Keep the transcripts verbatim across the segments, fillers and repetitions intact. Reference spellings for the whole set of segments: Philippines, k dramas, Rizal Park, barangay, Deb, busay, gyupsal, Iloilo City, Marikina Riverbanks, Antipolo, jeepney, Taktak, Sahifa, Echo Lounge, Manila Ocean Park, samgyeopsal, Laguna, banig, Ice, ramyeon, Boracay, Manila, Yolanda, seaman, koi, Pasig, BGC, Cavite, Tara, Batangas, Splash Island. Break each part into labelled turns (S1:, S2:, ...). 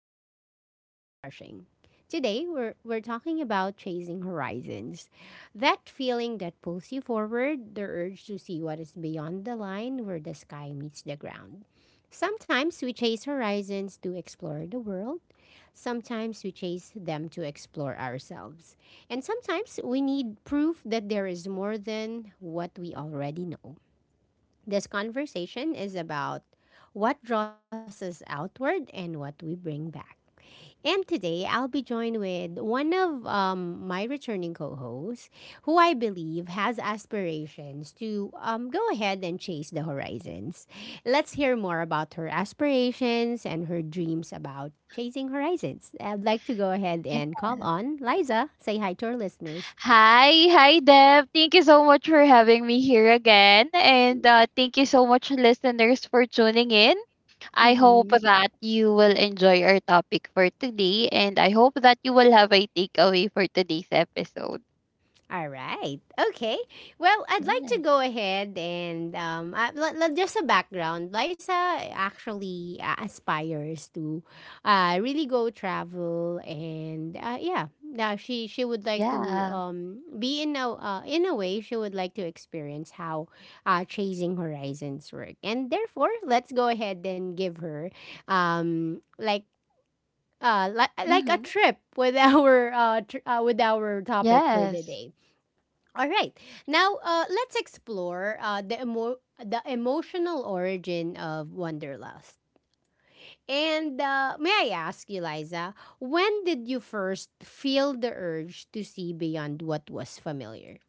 S1: about movement without rushing. Today, we're, we're talking about chasing horizons. That feeling that pulls you forward, the urge to see what is beyond the line where the sky meets the ground. Sometimes we chase horizons to explore the world, sometimes we chase them to explore ourselves, and sometimes we need proof that there is more than what we already know. This conversation is about what draws us outward and what we bring back. And today, I'll be joined with one of um, my returning co hosts who I believe has aspirations to um, go ahead and chase the horizons. Let's hear more about her aspirations and her dreams about chasing horizons. I'd like to go ahead
S2: Yeah.
S1: and call on Liza. Say hi to our listeners.
S2: Hi, hi Deb. Thank you so much for having me here again. And uh, thank you so much, listeners, for tuning in. I hope that you will enjoy our topic for today. And I hope that you will have a takeaway for today's episode.
S1: All right. Okay. Well, I'd like to go
S2: Yes.
S1: ahead and um, uh, l- l- just a background. Liza actually uh, aspires to uh, really go travel, and uh, yeah, now she she would like to
S2: Yeah.
S1: um, be in a uh, in a way she would like to experience how uh, chasing horizons work, and therefore let's go ahead and give her um, like uh, li- like a
S2: Mm-hmm.
S1: trip with our uh, tr- uh with our topic for the
S2: Yes.
S1: day. All right. Now, uh, let's explore uh, the emo- the emotional origin of wanderlust. And uh, may I ask you, Liza, when did you first feel the urge to see beyond what was familiar?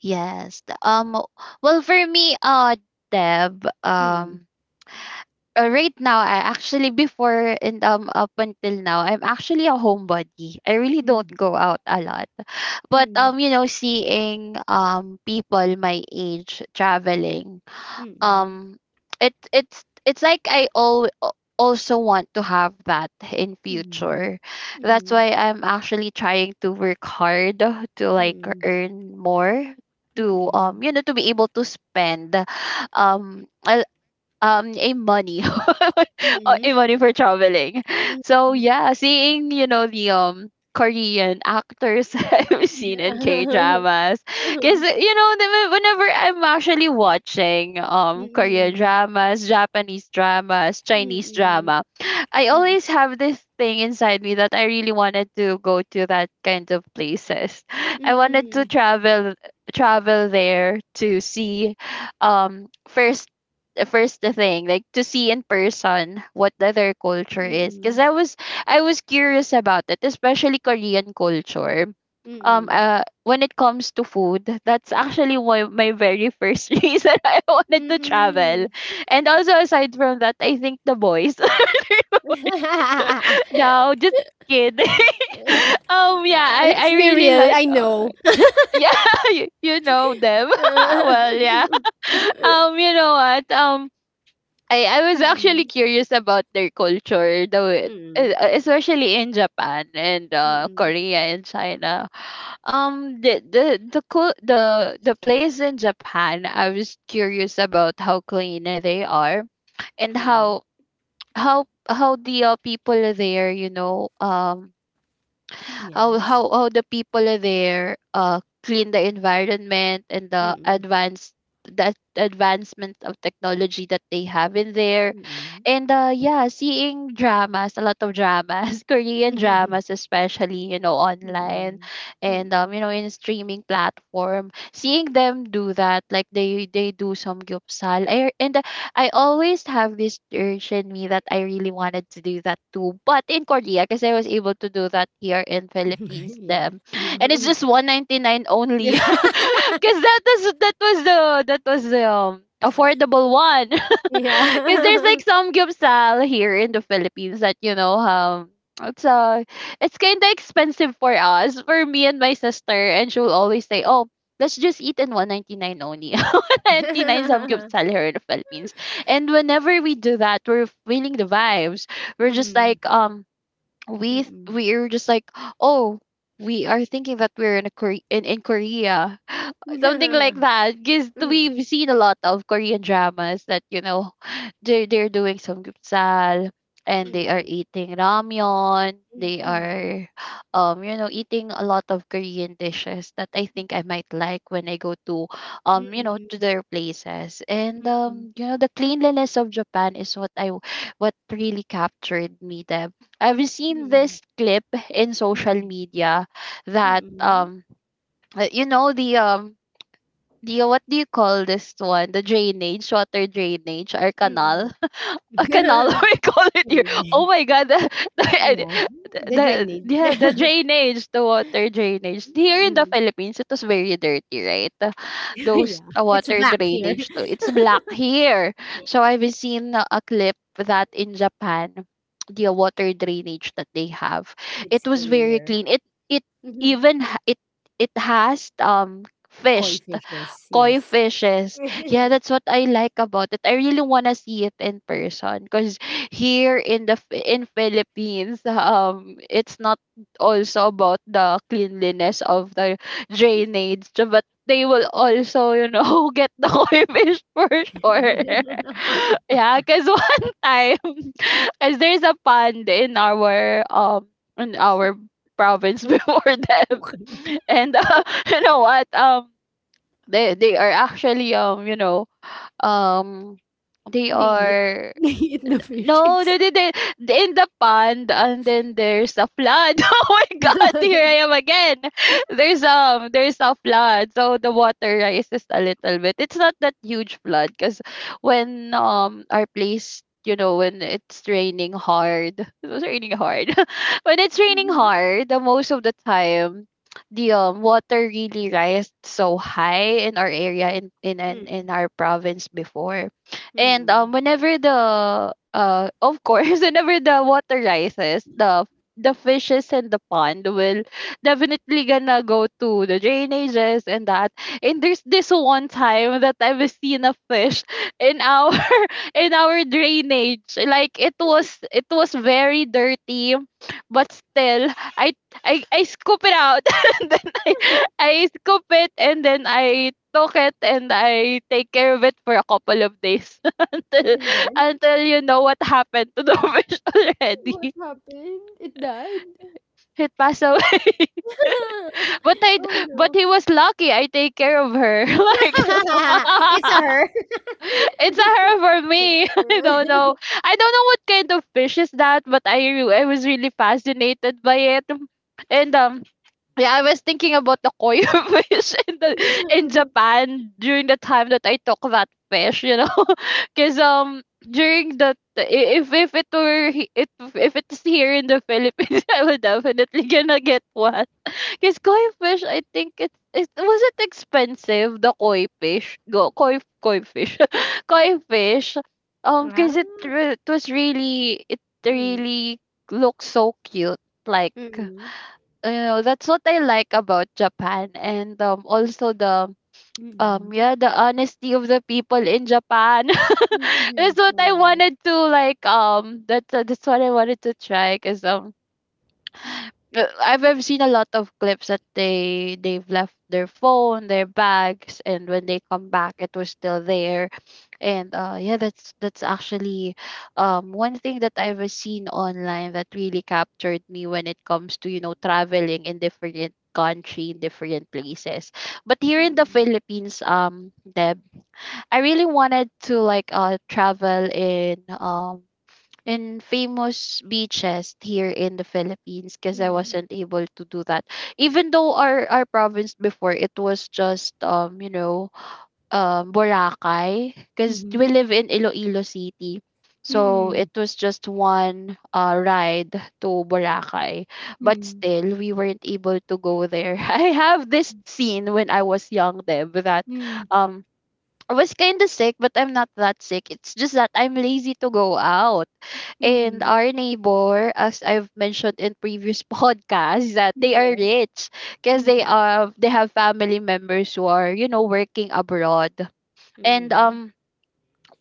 S2: Yes. Um. Well, for me, uh, Deb.
S1: Mm,
S2: Um. uh, right now I actually before and um up until now I'm actually a homebody. I really don't
S1: mm,
S2: go out a lot. But
S1: mm,
S2: um you know, seeing um people my age traveling,
S1: mm, mm,
S2: um it it's it's like I al- al- also want to have that in
S1: mm,
S2: future. That's why I'm actually trying to work hard to, like,
S1: mm,
S2: earn more to, um
S1: mm,
S2: you know, to be able to spend um a, um a money uh,
S1: mm, mm,
S2: a money for traveling.
S1: mm.
S2: So yeah, seeing, you know, the um Korean actors I've seen in K
S1: Mm-mm.
S2: dramas, because, you know, the- whenever I'm actually watching um Korean
S1: Mm-mm.
S2: dramas, Japanese dramas, Chinese
S1: Mm-mm.
S2: drama, I
S1: Mm-mm.
S2: always have this thing inside me that I really wanted to go to that kind of places.
S1: mm
S2: I wanted
S1: mm,
S2: to
S1: mm,
S2: travel travel there to see, um first the first thing, like, to see in person what the other culture is, because
S1: mm,
S2: i was I was curious about it, especially Korean culture. Um
S1: mm.
S2: uh when it comes to food, that's actually why my very first reason I wanted to travel.
S1: Mm-mm.
S2: And also aside from that, I think the boys no, just kidding. Um yeah,
S1: Uh,
S2: i
S1: Let's
S2: i
S1: be
S2: really
S1: real,
S2: like
S1: I
S2: uh,
S1: know.
S2: yeah. you, you know them. Well, yeah.
S1: Mm-mm.
S2: Um you know what, um I I was actually curious about their culture, the
S1: Mm-mm.
S2: way- e-
S1: Mm-mm.
S2: especially in Japan and uh,
S1: Mm-mm.
S2: Korea and China. Um, the the the cul- the the place in Japan, I was curious about how clean they are and
S1: Mm-mm.
S2: how how how the uh, people there, you know, um, how
S1: Yes.
S2: how how the people are there, uh clean the environment, and the
S1: Mm-mm.
S2: advanced that advancement of technology that they have in there.
S1: Mm-mm.
S2: And uh yeah, seeing dramas, a lot of dramas, Korean dramas especially, you know, online,
S1: Mm-mm.
S2: and um you
S1: Mm-mm.
S2: know, in streaming platform, seeing them do that, like they they do some gyupsal, I, and I always have this urge in me that I really wanted to do that too. But in Korea, because I was able to do that here in Philippines,
S1: Yeah.
S2: them, and it's just one ninety nine only,
S1: Yeah.
S2: because that was that was the that was the um, affordable one. Because there's like
S1: Yeah.
S2: some gyupsal here in the Philippines that, you know, um it's uh it's kind of expensive for us, for me and my sister, and she'll always say, oh, let's just eat in one ninety nine only, one ninety nine some gyupsal here in the Philippines. And whenever we do that, we're feeling the vibes. We're just
S1: Mm.
S2: like, um we th-
S1: Mm-mm.
S2: we're just like, oh, we are thinking that we're in a Kore- in, in Korea, something like
S1: Mm.
S2: that, because we've seen a lot of Korean dramas that, you know, they they're doing some samgyeopsal, and they are
S1: Mm.
S2: eating ramyeon.
S1: Mm.
S2: They
S1: Mm.
S2: are, um you know, eating a lot of Korean dishes that I think I might like when I go to,
S1: Mm.
S2: um you know, to
S1: Mm.
S2: their places. And
S1: Mm.
S2: um you know, the cleanliness of Japan is what i w- what really captured me there. I've
S1: Mm.
S2: seen
S1: Mm.
S2: this clip in social
S1: Mm.
S2: media that
S1: Mm.
S2: um uh, you know, the um do you, what do you call this one? The drainage, water drainage, or canal?
S1: Mm.
S2: A canal, we call it here.
S1: Yeah.
S2: Oh my god, the, the,
S1: Yeah.
S2: the,
S1: The
S2: the-
S1: drainage.
S2: yeah, the drainage, the water drainage. Here in the
S1: Mm.
S2: Philippines, it was very dirty, right? The- Those
S1: Yeah.
S2: uh,
S1: It's
S2: water
S1: black here.
S2: drainage, so it's black here. So I've seen a a clip that in Japan, the water drainage that they have, it
S1: It's
S2: was very
S1: clear.
S2: clean. It it
S1: Mhm.
S2: even ha- it it has um
S1: Koi
S2: fish,
S1: fishes,
S2: koi
S1: yes.
S2: fishes. Yeah, that's what I like about it. I really want to see it in person because here in the Phi- in Philippines, um, it's not also about the cleanliness of the drainage, but they will also, you know, get the koi fish for sure. Yeah, because one time, because there's a pond in our um in our province before them,
S1: Okay.
S2: and uh, you know what, um they they are actually um you know um they
S1: They eat.
S2: are
S1: They eat the
S2: N- no,
S1: fishes.
S2: they did it in the pond, and then there's a flood. Oh my God! Here I am again. There's um, there's a flood, so the water rises a little bit. It's not that huge flood, because when um our place, you know, when it's raining hard, it was raining hard. When it's raining
S1: Mhm.
S2: hard, the most of the time, the um water really rises so high in our area in in in, in
S1: Mm.
S2: our province before. And um,
S1: Mm.
S2: whenever the uh, of course, whenever the water rises, the the fishes in the pond will definitely gonna go to the drainages and that. And there's this one time that I've seen a fish in our in our drainage. Like it was it was very dirty, but still I I I scoop it out, and then I I scoop it, and then I took it and I take care of it for a couple of days. until
S1: And then
S2: until, you know what happened to the fish
S1: what
S2: already.
S1: happened? It died.
S2: It passed away. But I
S1: Oh
S2: but
S1: no.
S2: he was lucky I take care of her. Like
S1: Yeah, it's a her.
S2: it's a her for me. I don't know. I don't know what kind of fish is that, but I re- I was really fascinated by it. And um Yeah, I was thinking about the koi fish in the in Japan during the time that I took that fish, you know, because um during the the- I- if if it were he- if if it's here in the Philippines, I would definitely gonna get one. Because koi fish, I think it's it was it expensive the koi fish go koi koi fish koi fish, um
S1: Ah,
S2: because it re- it was really it
S1: mm,
S2: really looks so cute, like,
S1: mm,
S2: you know, that's what I like about Japan. And um also the um
S1: mm,
S2: yeah, the honesty of the people in Japan.
S1: mm,
S2: That's what
S1: mhm,
S2: I
S1: yes,
S2: wanted to, like, um that's uh, that's what I wanted to try, because um uh, I've I've seen a lot of clips that they they've left their phone, their bags, and when they come back, it was still there. And uh, yeah, that's that's actually um, one thing that I've seen online that really captured me when it comes to, you know, traveling in different country, in different places. But here
S1: mm,
S2: in the Philippines, um, Deb, I really wanted to, like, uh travel in um in famous beaches here in the Philippines because I
S1: mm.
S2: wasn't able to do that. Even though our our province before, it was just, um you know, um, Boracay, because we
S1: Mhm.
S2: live in Iloilo City. So it
S1: Mm.
S2: was just one uh, ride to Boracay, but
S1: Mm.
S2: still we weren't able to go there. I have this scene when I was young, Deb, that
S1: Mm.
S2: um I was kind of sick, but I'm not that sick. It's just that I'm lazy to go out. And
S1: Mm.
S2: our neighbor, as I've mentioned in previous podcasts, that they are rich because they are they have family members who are, you know, working abroad. And um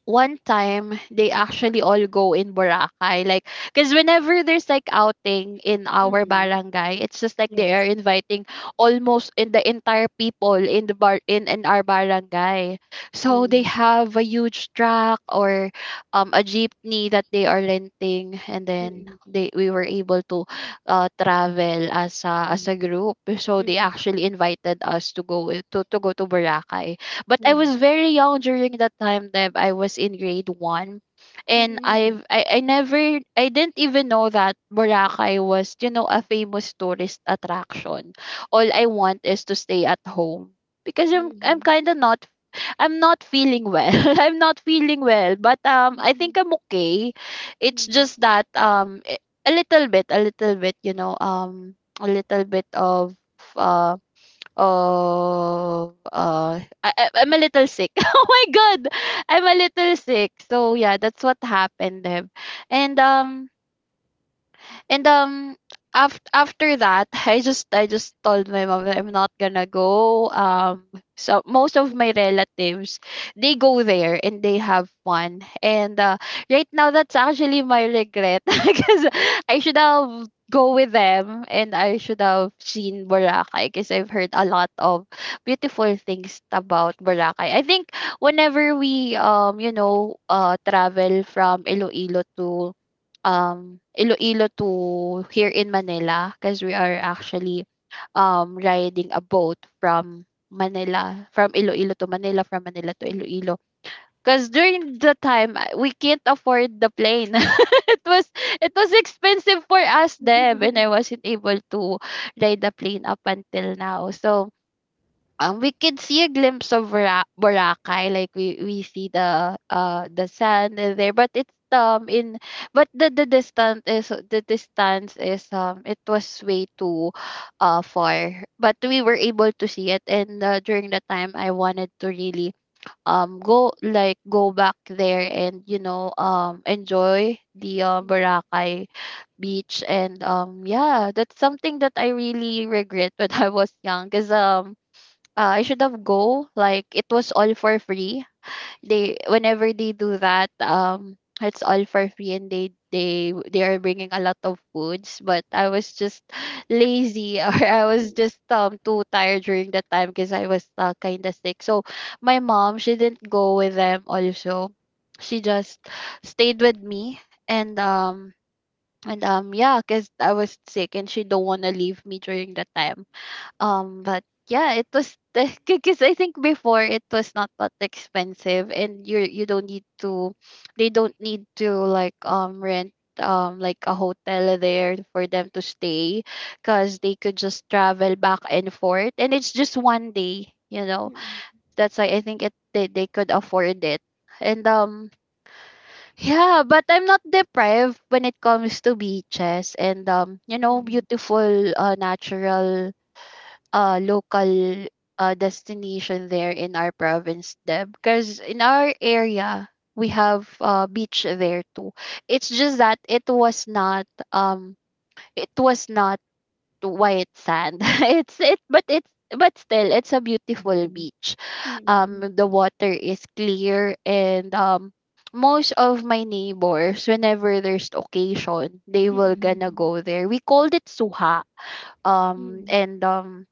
S2: one time, they actually all go in Boracay, like, because whenever there's like outing in our
S1: Mm,
S2: barangay, it's just like they are
S1: yes.
S2: inviting almost in the entire people in the bar in, in our barangay, so they
S1: Mhm.
S2: have a huge truck or um a jeepney that they are renting, and then
S1: Mhm.
S2: they we were able to uh, travel as a as a
S1: Mhm.
S2: group. So they
S1: Yes.
S2: actually invited us to go to, to go to Boracay, but I was
S1: Mhm.
S2: very young during that time that I was in grade one. And I've
S1: Mhm.
S2: I, I never I didn't even know that Boracay was, you know, a famous tourist attraction. All I want is to stay at home. Because I'm
S1: Mhm.
S2: I'm
S1: Mhm.
S2: kinda not, I'm not feeling well. I'm not feeling well. But um I think I'm okay. It's
S1: Mhm.
S2: just that um a a little bit, a little bit, you know, um a little bit of uh Oh, uh, I, I- I'm a little sick. Oh my god, I'm a little sick. So yeah, that's what happened, Deb. And um, and um after after that, I just I just told my mom that I'm not gonna go. Um so most of my relatives, they go there and they have fun. And uh, Right now that's actually my regret because I should have go with them, and I should have seen Boracay because I've heard a lot of beautiful things about Boracay. I think whenever we um you know uh travel from Iloilo to um, Iloilo to here in Manila, because we are actually um, riding a boat from Manila, from Iloilo to Manila, from Manila to Iloilo. Because during the time, uh, we can't afford the plane. it was it was expensive for us then, and I wasn't able to ride the plane up until now. So um we could see a glimpse of Bora- Boracay, like we we see the uh the sand in there, but it's um in but the the distance is the distance is um it was way too uh far, but we were able to see it. And uh, during the time I wanted to really um go like go back there and you know um enjoy the uh, Boracay beach. And um yeah, that's something that I really regret when I was young, because um uh, I should have go. Like, it was all for free. They, whenever they do that, um, it's all for free, and they they they are bringing a lot of foods. But I was just lazy, or I was just um too tired during that time because I was uh, kind of sick. So my mom, she didn't go with them. Also, she just stayed with me, and um and um yeah, because I was sick, and she don't wanna leave me during that time. Um, but yeah, it was because I think before it was not that expensive, and you you don't need to, they don't need to like um rent um like a hotel there for them to stay, because they could just travel back and forth, and it's just one day, you know.
S1: Mhm.
S2: That's why I think it, they they could afford it. And um Yeah, but I'm not deprived when it comes to beaches and um you know beautiful uh natural uh local uh destination there in our province, Deb, because in our area we have uh beach there too. It's just that it was not um it was not white sand. it's it but it's but still, it's a
S1: Mhm. Mhm. Mhm.
S2: beautiful
S1: Mhm.
S2: beach.
S1: Mhm. Mhm.
S2: Um
S1: Mhm. Mhm. Mhm.
S2: the water is clear, and um most of my neighbors, whenever there's occasion, they will gonna
S1: Mhm.
S2: go there. We called it suha, um
S1: Mhm.
S2: and um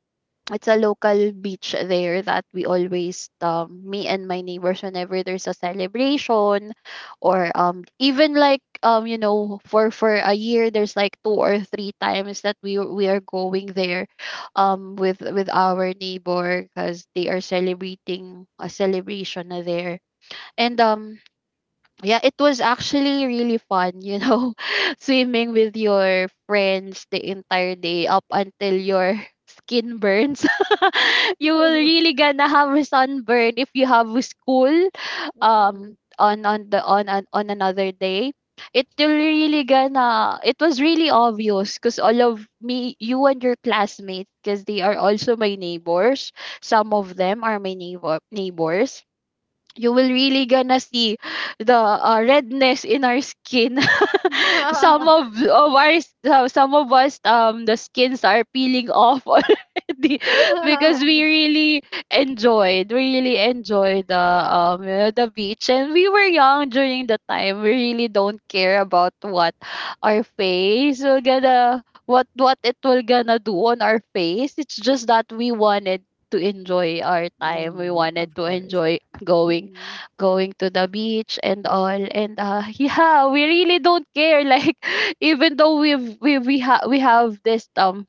S2: it's a local beach there that we always um me and my neighbors, whenever there's a celebration or um even like um you know for for a year, there's like two or three times that we we are going there um with with our neighbor because they are celebrating a celebration na there. And um Yeah, it was actually really fun, you know, swimming with your friends the entire day up until your skin burns. You will really gonna have a sunburn if you have a school um on on the on on, on another day. It will really gonna, it was really obvious because all of me, you and your classmates, because they are also my neighbors. Some of them are my neighbor neighbors. You will really gonna see the uh, redness in our skin.
S1: Mhm.
S2: Some of, of our uh, some of us, um the skins are peeling off already because we really enjoyed we really enjoyed the um uh, the beach. And we were young during the time, we really don't care about what our face will gonna, what what it will gonna do on our face. It's just that we wanted to enjoy our time, we
S1: Mm,
S2: wanted
S1: of
S2: to
S1: course.
S2: enjoy going
S1: Mm,
S2: going to the beach and all. And uh yeah, we really don't care like, even though we've we we, ha- we have this um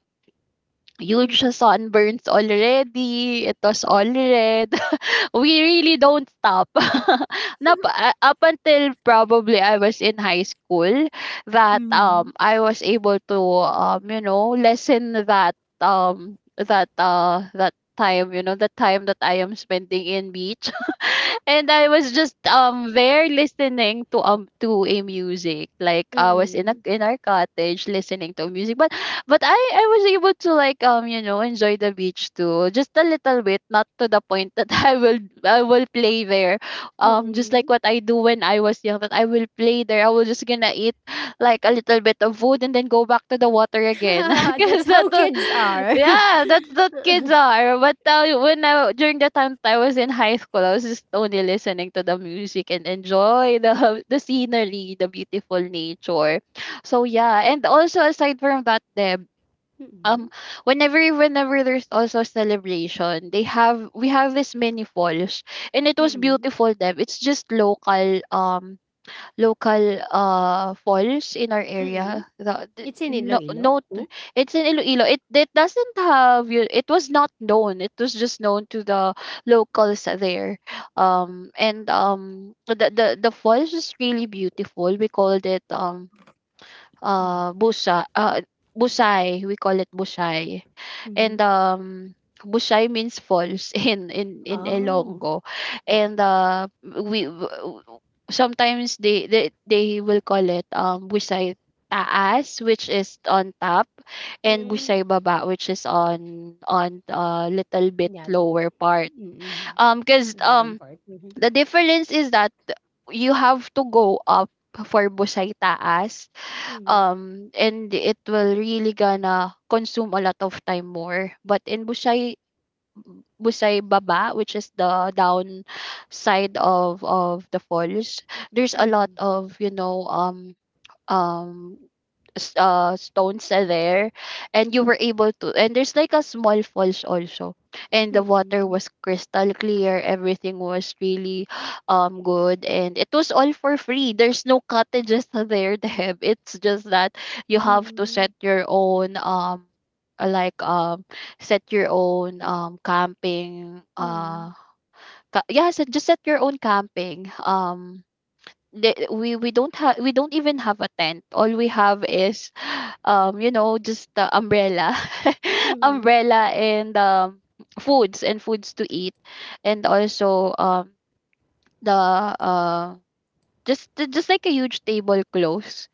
S2: huge
S1: mm.
S2: sunburns already, it was all red. We really don't stop. Nap- uh, up until probably I was in high school that um
S1: Mhm.
S2: I was able to um you know lessen that um that uh that time, you know, the time that I am spending in beach. And I was just um there listening to um to a music, like I was in a,
S1: Mm,
S2: in our cottage listening to music. But but I I was able to like um you know enjoy the beach too, just a little bit, not to the point that I will I will play there, um just like
S1: mm.
S2: what I do when I was young, that I will play there, I will just gonna eat like a little bit of food and then go back to the water again. Because
S1: That's
S2: that
S1: how
S2: the-
S1: kids are.
S2: yeah, that's what kids are. But uh, when I during the time that I was in high school, I was just only listening to the music and enjoy the the scenery, the beautiful nature. So yeah, and also aside from that, Deb, um whenever whenever there's also a celebration, they have, we have this mini falls, and it
S1: Mm,
S2: was
S1: mm,
S2: beautiful, Deb. It's just local, um local uh falls in our
S1: mm.
S2: area. The, the-
S1: It's in
S2: no
S1: Iloilo
S2: no
S1: too?
S2: It's in Iloilo. It it doesn't have you, it was not known, it was just known to the locals there. Um and um The the, the falls is really beautiful. We called it um
S1: Mm,
S2: uh busa, uh busay, we call it busay.
S1: mhm.
S2: And um Bushay means falls in in in
S1: Oh.
S2: Ilonggo. And uh we w- w- sometimes they they, they will call it um Bushay taas, which is on top, and
S1: Mm,
S2: Bushay baba, which is on on a little bit
S1: yeah.
S2: lower part,
S1: Mm,
S2: um because
S1: bottom
S2: um
S1: part. Mhm,
S2: the difference is that you have to go up for Busay taas,
S1: mhm,
S2: um and it will really gonna consume a lot of time more. But in Busay Busay Baba, which is the down side of of the falls, there's a lot
S1: mhm,
S2: of, you know, um um s- uh, stones are there. And you were able to, and there's like a small falls also, and the water was crystal clear. Everything was really um good, and it was all for free. There's no cottages there, Deb. It's just that you have to
S1: mhm,
S2: set your own um uh, like um set your own um camping,
S1: mhm,
S2: uh ca- yeah, so just set your own camping. um the- we we don't have, we don't even have a tent. All we have is um you know, just the umbrella,
S1: mhm, mhm,
S2: umbrella, and um foods and foods to eat. And also um the uh just ju- just like a huge tablecloth,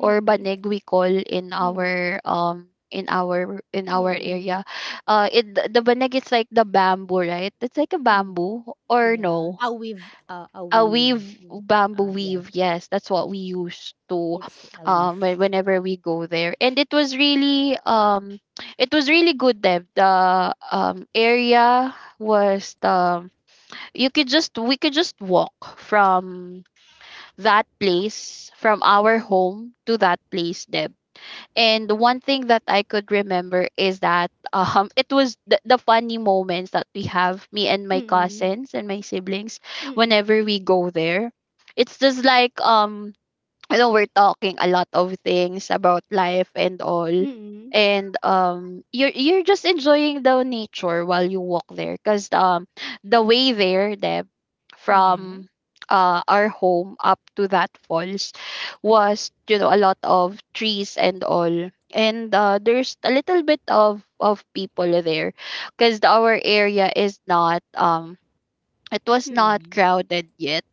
S2: or banig we call in
S1: mhm,
S2: our um in our in our
S1: mhm,
S2: area. Uh it The the banig is like the bamboo, right? It's like a
S1: mhm.
S2: bamboo, or
S1: Yeah.
S2: no,
S1: Awiv, uh,
S2: a
S1: awiv,
S2: weave, bamboo
S1: uh, yeah.
S2: weave, yes, that's what we used to
S1: It's a
S2: um
S1: leaf.
S2: when, whenever we go there. And it was really um it was really good, Deb. The um area was the, you could just, we could just walk from that place, from our home to that place, Deb. And one thing that I could remember is that um it was the, the funny moments that we have, me and my
S1: Mm,
S2: cousins and my siblings, whenever
S1: mm,
S2: we go there. It's just like, um you know, we're talking a lot of things about life and all.
S1: mm,
S2: And um you're you're just enjoying the nature while you walk there, because um the way there, Deb,
S1: yes,
S2: from uh our home up to that falls was, you know, a lot of trees and all. And uh there's a little bit of of people there because our area is not um it was not
S1: mm,
S2: crowded yet.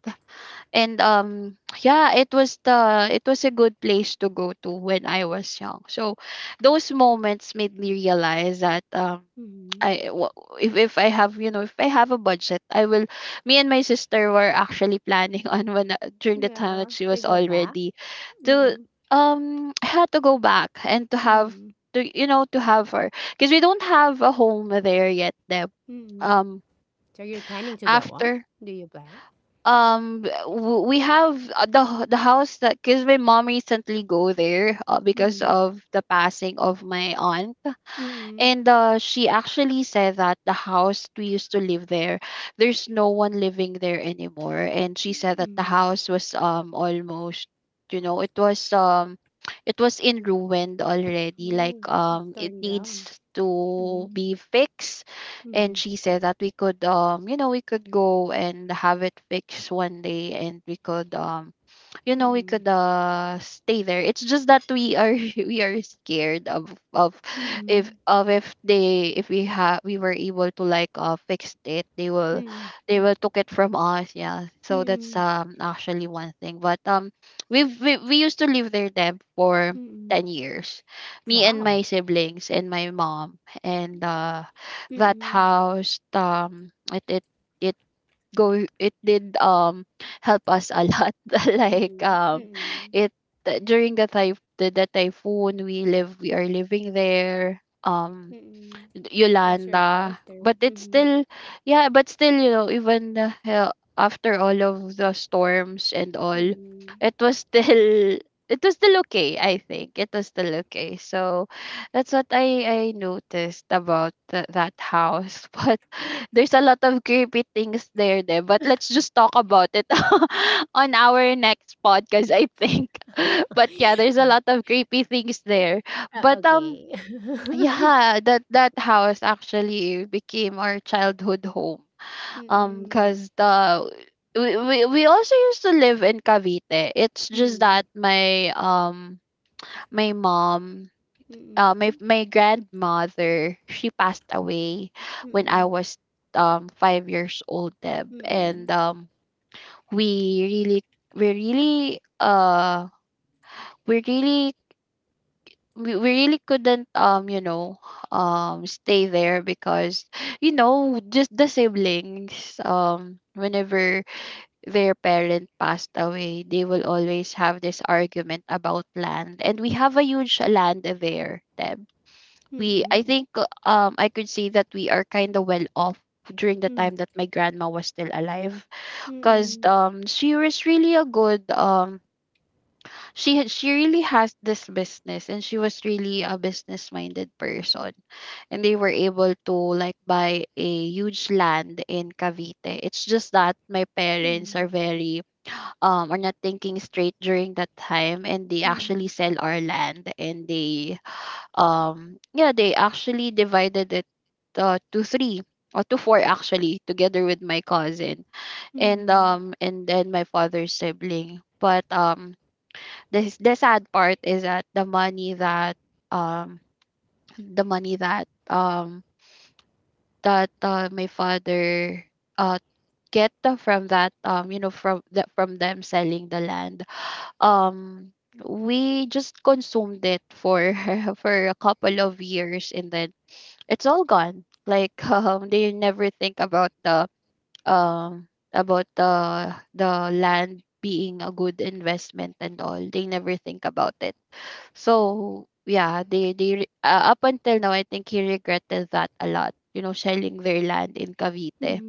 S2: And um Yeah, it was the, it was a good place to go to when I was young. So those moments made me realize that um
S1: mm.
S2: I wa- if if I have, you know, if I have a budget, I will, me and my sister were actually planning on when uh, during the time that
S1: Yeah,
S2: she
S1: they
S2: was
S1: go back.
S2: already to,
S1: Mm,
S2: um I had to go back and to have
S1: mm,
S2: to, you know, to have her, because we don't have a home there yet, Deb.
S1: mm.
S2: um
S1: So you're planning to get one?
S2: After
S1: Do you plan?
S2: um w- we have uh, the h- the house, that because my mom recently go there, uh, because
S1: Mm,
S2: of the passing of my aunt.
S1: mm,
S2: And uh, she actually said that the house we used to live there, there's no one living there anymore. And she said that the
S1: mm.
S2: house was um almost, you know, it was um it was in ruined already. Like,
S1: Oh,
S2: um
S1: it's
S2: it
S1: torn down.
S2: needs to
S1: Mm,
S2: be fixed. And
S1: mm,
S2: she said that we could, um you know we could go and have it fixed one day, and we could, um you know we could
S1: mm,
S2: uh stay there. It's just that we are we are scared of of if
S1: mm,
S2: of if they if we have we were able to like uh fix it, they will
S1: mm,
S2: they
S1: mm,
S2: will took it from us. Yeah, so that's
S1: mm,
S2: um actually one thing, but um we've we, we used to live there, Deb, for ten
S1: mm.
S2: years, me and my
S1: Wow.
S2: siblings and my mom. And uh that
S1: Mm,
S2: house, um it it it go it did, um help us a lot. Like,
S1: mm,
S2: um
S1: mm,
S2: it during the typh- the, the typhoon, we live we are living there, um
S1: mm. It was your
S2: Yolanda.
S1: shelter.
S2: But it's
S1: Mm,
S2: still, yeah. But still, you know, even the hell, after all of the storms and all,
S1: mm.
S2: it was still, it was still okay, I think. It was still okay. So that's what I, I noticed about th- that house. But there's a lot of creepy things there, there. But let's just talk about it on our next podcast, I think. But yeah, there's a
S1: Uh
S2: lot of creepy things there. But um,
S1: okay.
S2: yeah, that that house actually became our childhood home. Um, cause
S1: Mm,
S2: the we, we we also used to live in Cavite. It's just that
S1: mm,
S2: my um my mom, uh my
S1: mm,
S2: my grandmother, she passed away when I
S1: mm,
S2: was, um five years old, Deb,
S1: mm,
S2: and
S1: mm,
S2: um we really we really uh we really we, we really couldn't, um you know um stay there because, you know just the siblings, um whenever their parent passed away, they will always have this argument about land, and we have a huge land there, Deb.
S1: mm, mm,
S2: We I
S1: mm,
S2: think, uh, um I could say that we are kind of well off during the time
S1: mm,
S2: that my grandma was still alive,
S1: mm, mm, mm, mm, mm,
S2: because,
S1: mm, mm,
S2: um she was really a good, um she had she really has this business, and she was really a business minded person, and they were able to like buy a huge land in Cavite. It's just that my parents are very, um are not thinking straight during that time, and they actually sell our land, and they, um yeah, they actually divided it, uh, to three, or to four, actually, together with my cousin, and, um and then my father's sibling. But, um the s- the sad part is that the money that, um the money that, um that, uh, my father, uh get the- from that, um you know from the, from them selling the land, um we just consumed it for for a couple of years, and then it's all gone. Like, um they never think about the um about the the land being a good investment and all. They never think about it. So yeah, they they re- uh, up until now, I think he regretted that a lot. You know, selling their land in Cavite,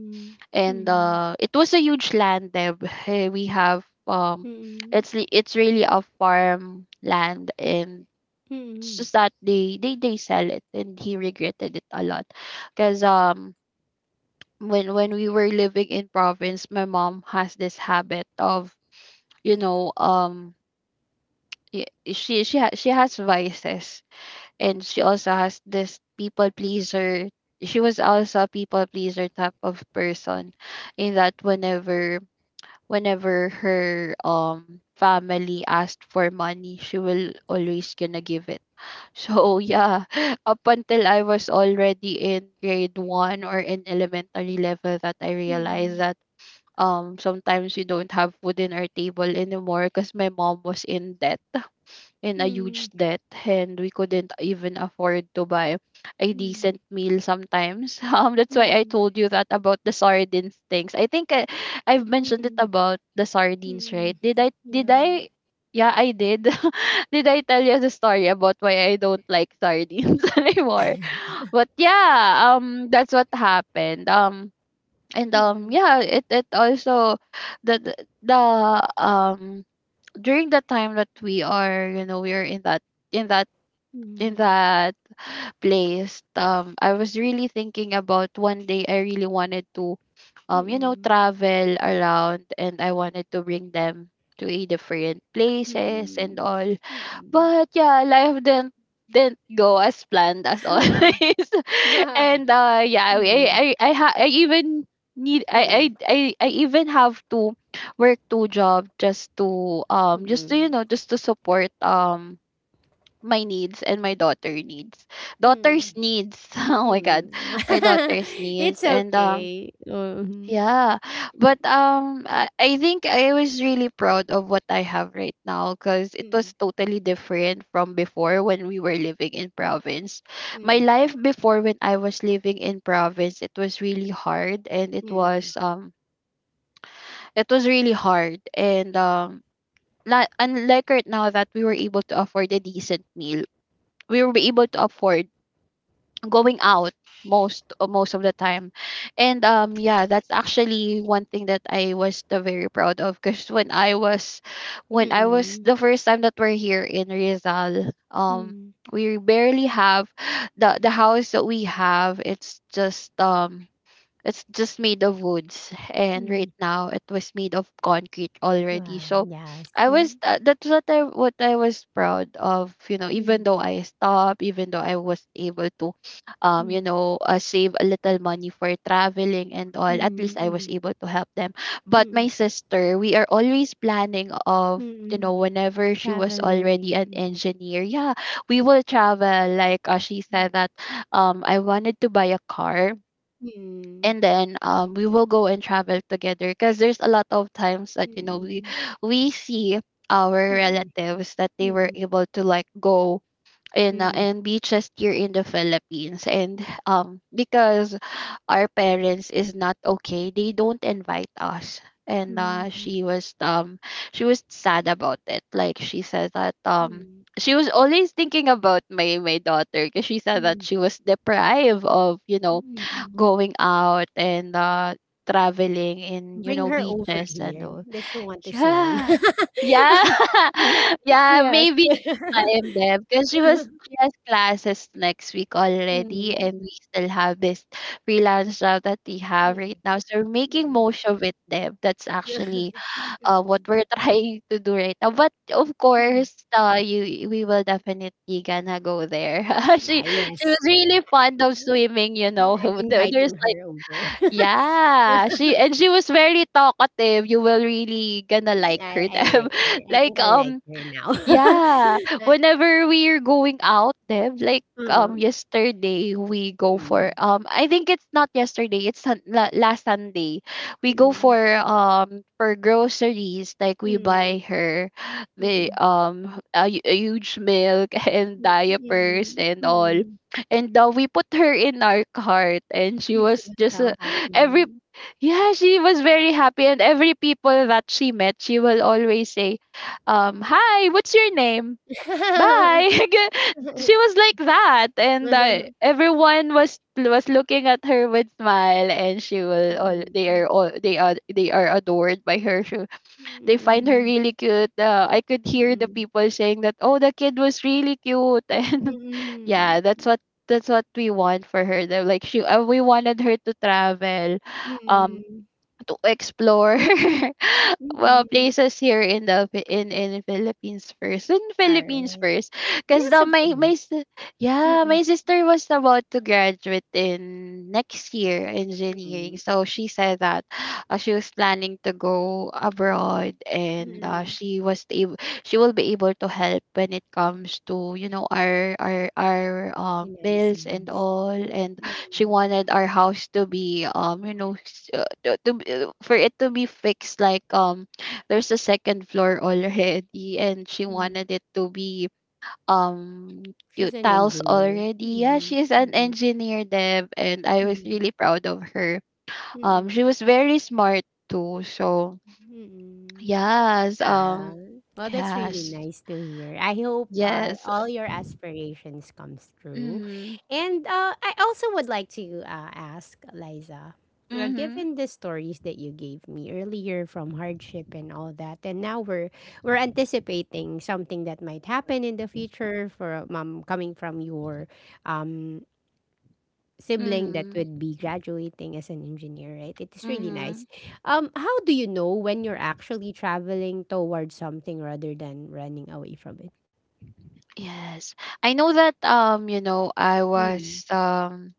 S2: and, uh, it was a huge land, Deb. Eh, we have, um, it's li- it's really a farm land, and it's just that they they they sell it, and he regretted it a lot, because, um. When when we were living in province, my mom has this habit of, you know, um, y- she she ha- she has vices, and she also has this people pleaser, she was also a people pleaser type of person, in that, whenever, whenever her, um family asked for money, she will always gonna give it. So yeah, up until I was already in grade one or in elementary level, that I realized that, um sometimes we don't have food in our table anymore, because my mom was in debt, in a huge debt, and we couldn't even afford to buy a decent meal sometimes. Um, that's why I told you that about the sardines things. I think I, I've mentioned it
S1: mm,
S2: about the
S1: mm,
S2: sardines,
S1: mm,
S2: right? Did
S1: mm,
S2: I? Did
S1: yeah.
S2: I? Yeah, I did. Did I tell you the story about why I don't like sardines anymore? But yeah, um, that's what happened. Um, and, um,
S1: Mm,
S2: yeah, it it also, the the the, um during the time that we are, you know we are in that, in that in
S1: mm,
S2: that place, um I was really thinking about one day I really wanted to,
S1: mm,
S2: um you
S1: mm,
S2: know
S1: mm,
S2: travel around, and I wanted to bring them to a different places and all. But yeah, life didn't didn't go as planned, as
S1: mm.
S2: always. And, uh yeah, I I I, ha- I even need
S1: Mm,
S2: I, I
S1: mm,
S2: I I even have to work two jobs just to, um just to you
S1: mm.
S2: know just to support, um my needs and my daughter needs daughter's
S1: Hmm.
S2: needs. Oh my god,
S1: Hmm.
S2: my daughter's needs
S1: It's
S2: and, um.
S1: okay. Mhm.
S2: Yeah, but, um, I I think I was really proud of what I have right now, because it was
S1: Mm,
S2: totally different from before, when we were living in province. My
S1: mm,
S2: life before, when I was living in province, it was really hard, and it
S1: mm,
S2: was, um, it was really hard and um, not unlike right now that we were able to afford a decent meal, we were able to afford going out, most uh, most of the time. And, um yeah, that's actually one thing that I was the very proud of, because when i was when I was
S1: mm,
S2: the first time that we're here in Rizal,
S1: mm,
S2: um
S1: mm,
S2: we barely have the the house that we have. It's just, um it's just made of woods, and right
S1: mm.
S2: now it was made of concrete already.
S1: Wow,
S2: So
S1: yes.
S2: I was
S1: Mm,
S2: tha- that's what I what I was proud of. You know, even
S1: mm,
S2: though I stopped, even though I was able to, um, you
S1: mm,
S2: know, uh, save a little money for traveling and all. At least I was
S1: mm,
S2: able to help them. But my
S1: mm,
S2: sister, we are always planning
S1: mm,
S2: of. You know,
S1: mm.
S2: whenever she was already
S1: Traveling,
S2: an
S1: yeah.
S2: engineer, yeah, we will travel. Like, uh, she
S1: Mm,
S2: said that, um, I wanted to buy a car,
S1: mm,
S2: and then, um, we will go and travel together, because there's a lot of times that, you know, we
S1: mm,
S2: we see our
S1: mm,
S2: relatives that they were
S1: mm,
S2: able to like go in, uh,
S1: mm,
S2: in beaches here in the Philippines, and, um because our parents is not okay, they don't invite us. And, uh
S1: mm,
S2: she was, um she was sad about it. Like she said that, um
S1: mm,
S2: she was always thinking about my my daughter, because she said that
S1: mm,
S2: she was deprived of, you know
S1: mm. mm.
S2: going out, and, uh traveling in, you
S1: Bring
S2: know
S1: her over
S2: beaches and
S1: here.
S2: all.
S1: Does she want to swim?
S2: Yeah. Yeah. Yeah,
S1: Yes.
S2: maybe next time, them. Because she was she has classes next week
S1: Mm,
S2: already, and we still have this freelance job that we have
S1: mm,
S2: right now, so we're making
S1: mm.
S2: most of it, Deb. That's actually, uh, what
S1: Mm,
S2: we're trying to do right now, but of
S1: mm.
S2: course, uh, you we will definitely gonna go there. she
S1: Ah,
S2: she was
S1: yes.
S2: really fond of
S1: Mm,
S2: swimming, you know.
S1: yeah, I'm
S2: There- There's.
S1: inviting her over.
S2: Yeah, she and she was very talkative. You will really gonna like
S1: I
S2: her.
S1: I
S2: Deb.
S1: like her. I think
S2: like
S1: I like
S2: um
S1: her
S2: Yeah,
S1: now.
S2: whenever we're going out, Dev, like,
S1: Ah,
S2: um yesterday we go for,
S1: mm,
S2: um I think it's not yesterday, it's sun- la- last Sunday. We go for,
S1: mm,
S2: um for groceries, like we
S1: mm,
S2: buy her the
S1: mm,
S2: um a, hu- a huge milk and
S1: mm,
S2: diapers
S1: mm, mm,
S2: and all.
S1: mm.
S2: And, uh, we put her in our cart, and she
S1: And she
S2: was
S1: was
S2: just,
S1: so
S2: uh, every
S1: happy.
S2: yeah, she was very happy, and every people that she met, she will always say, um, "Hi, what's your name? Bye." She was like that, and, uh, everyone was was looking at her with smile, and she will all
S1: Mm,
S2: they
S1: mm,
S2: are all they are they are adored by her. She, they find her
S1: mm,
S2: really cute. Uh, I could hear the
S1: mm,
S2: people saying that, "Oh, the kid was really cute," and
S1: mm,
S2: yeah, that's what. That's what we want for her. They're Like she, uh, we wanted her to travel, um to explore. Well
S1: mm.
S2: places here in the, Phi- in in Philippines first, in Philippines
S1: Alright.
S2: first because
S1: Yes,
S2: the
S1: of
S2: my my
S1: course.
S2: si- yeah,
S1: Mm,
S2: my sister was about to graduate in next
S1: mm,
S2: year engineering,
S1: mm,
S2: so she said that, uh, she was planning to go abroad. And, uh,
S1: mm.
S2: she was able she will be able to help when it comes to, you know our our our um bills and
S1: Finances.
S2: all, and she
S1: Mm,
S2: wanted our house to be, um you know s- uh, to, to be- uh, for it to be fixed, like, um there's a second floor already, and she
S1: mm.
S2: wanted it to be, um you
S1: She's an
S2: tiles
S1: engineer.
S2: already. Yeah,
S1: Mm,
S2: she's an
S1: mm,
S2: engineer, Deb, and I was
S1: mm,
S2: really proud of her. Um she
S1: mm,
S2: was very smart too, so
S1: mm.
S2: yes, um
S1: Aral. Well, that's really
S2: yes.
S1: nice to hear. I hope uh,
S2: Yes.
S1: all your aspirations comes true.
S2: Mhm.
S1: And uh, I also would like to uh, ask Liza, uh,
S2: Mhm.
S1: given the stories that you gave me earlier from hardship and all that, and now we're we're anticipating something that might happen in the future for um, coming from your um, sibling that
S2: Mhm.
S1: would be graduating as an engineer, right? It is really
S2: Mhm.
S1: nice. Um, how do you know when you're actually traveling towards something rather than running away from it?
S2: Yes. I know that, um you know I
S1: Mm.
S2: was, um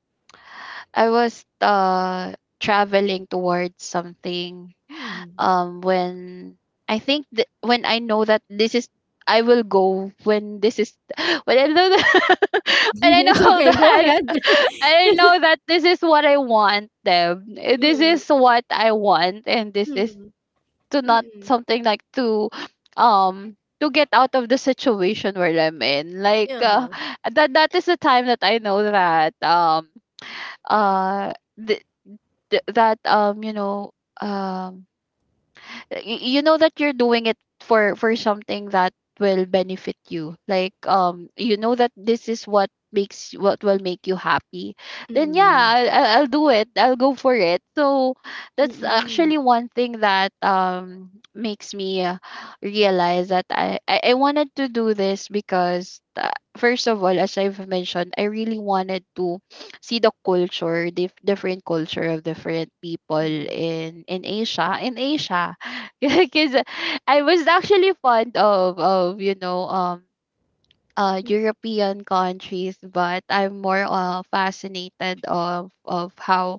S2: I was, uh traveling towards something,
S1: Mm.
S2: um when I think, th- when I know that this is, I will go when this is. When I know that, when I
S1: It's
S2: know
S1: okay. Go
S2: that.
S1: ahead.
S2: I know that this is what I want them. Eh, this
S1: Mm.
S2: is what I want, and this is,
S1: Mm.
S2: to, not
S1: Mm.
S2: something like to, um to get out of the situation where I'm in. Like uh,
S1: Uh-huh.
S2: that that is the time that I know that um uh th- th- that um you know um y- you know that you're doing it for for something that will benefit you, like um you know that this is what makes what will make you happy. Then yeah,
S1: Mm.
S2: I'll, I'll I'll do it, I'll go for it. So that's
S1: Mm.
S2: actually one thing that um makes me uh, realize that I, I i wanted to do this because uh, first of all, as I've mentioned, I really wanted to see the culture, dif- different culture of different people
S1: Mm.
S2: in in asia in Asia. Because I was actually fond of of you know um uh European countries, but I'm more uh fascinated of of how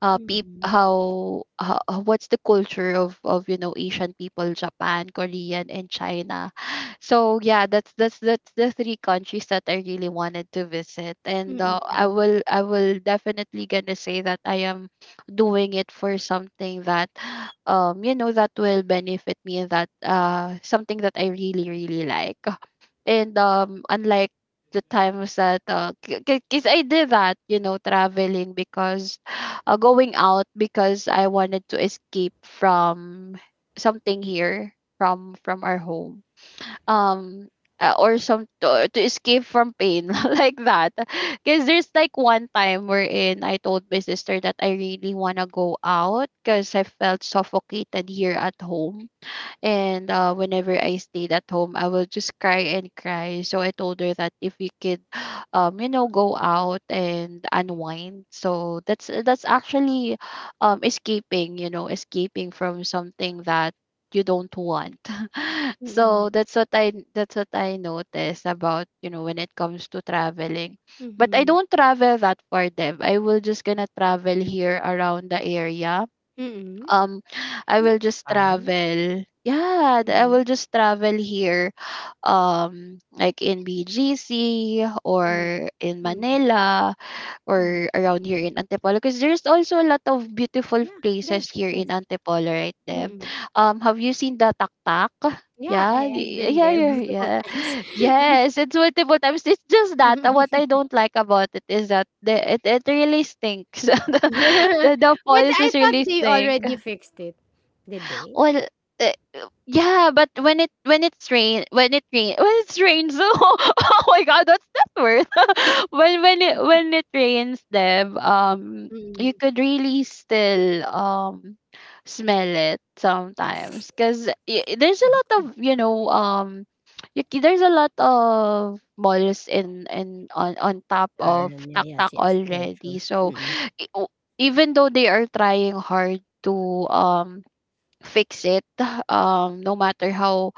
S2: uh peop
S1: Mm.
S2: how, how uh, what's the culture of of you know Asian people, Japan, Korean, and China. So yeah, that's that's that's the three countries that I really wanted to visit, and uh, I
S1: Mm.
S2: will I will definitely gonna say that I am doing it for something that um you know that will benefit me, and that uh something that I really really like. And um, unlike the times that, uh, because I did that, you know, traveling because uh, going out because I wanted to escape from something here, from from our home. Um, uh, or some to, to escape from pain like that. Because there's like one time wherein I told my sister that I really wanna go out because I felt suffocated here at home, and uh, whenever I stayed at home, I will just cry and cry. So I told her that if we could, um, you know, go out and unwind. So that's that's actually, um, escaping. You know, escaping from something that you don't want. So
S1: Mm.
S2: that's what I that's what I noticed about, you know, when it comes to traveling. But I
S1: Mm.
S2: don't travel that far, Dev. I will just gonna travel here around the area.
S1: Mm.
S2: um I
S1: That's
S2: will just
S1: fine.
S2: travel. Yeah, th- I
S1: Mm.
S2: will just travel here um like in B G C
S1: Mm.
S2: or in
S1: Mm.
S2: Manila,
S1: Mm.
S2: or around here in Antipolo, because there's also a lot of beautiful
S1: Yeah. Yeah.
S2: places here
S1: Yes.
S2: in Antipolo right there.
S1: Mm.
S2: Um have you seen the Taktak?
S1: Yeah,
S2: Yeah,
S1: I, I've
S2: y-
S1: been
S2: yeah,
S1: there
S2: yeah,
S1: multiple
S2: yeah.
S1: times.
S2: Yes, it's multiple times. It's just that uh, what I don't like about it is that the, it, it really stinks. the, the, the
S1: But
S2: falls
S1: I
S2: is
S1: thought
S2: really
S1: they
S2: stinks.
S1: already fixed it. Did they?
S2: Well, uh, yeah, but when it when it's rain when it rain when it's rains oh, oh my god, that's that word. When when it when it rains, Deb, um
S1: Mm.
S2: you could really still um smell it sometimes, because there's a lot of, you know, um you, c- there's a lot of malls in in on on top of
S1: Aran, yeah, yes,
S2: Taktak
S1: yes. True, true.
S2: already. So
S1: Mm.
S2: i- o- even though they are trying hard to um fix it, um no matter how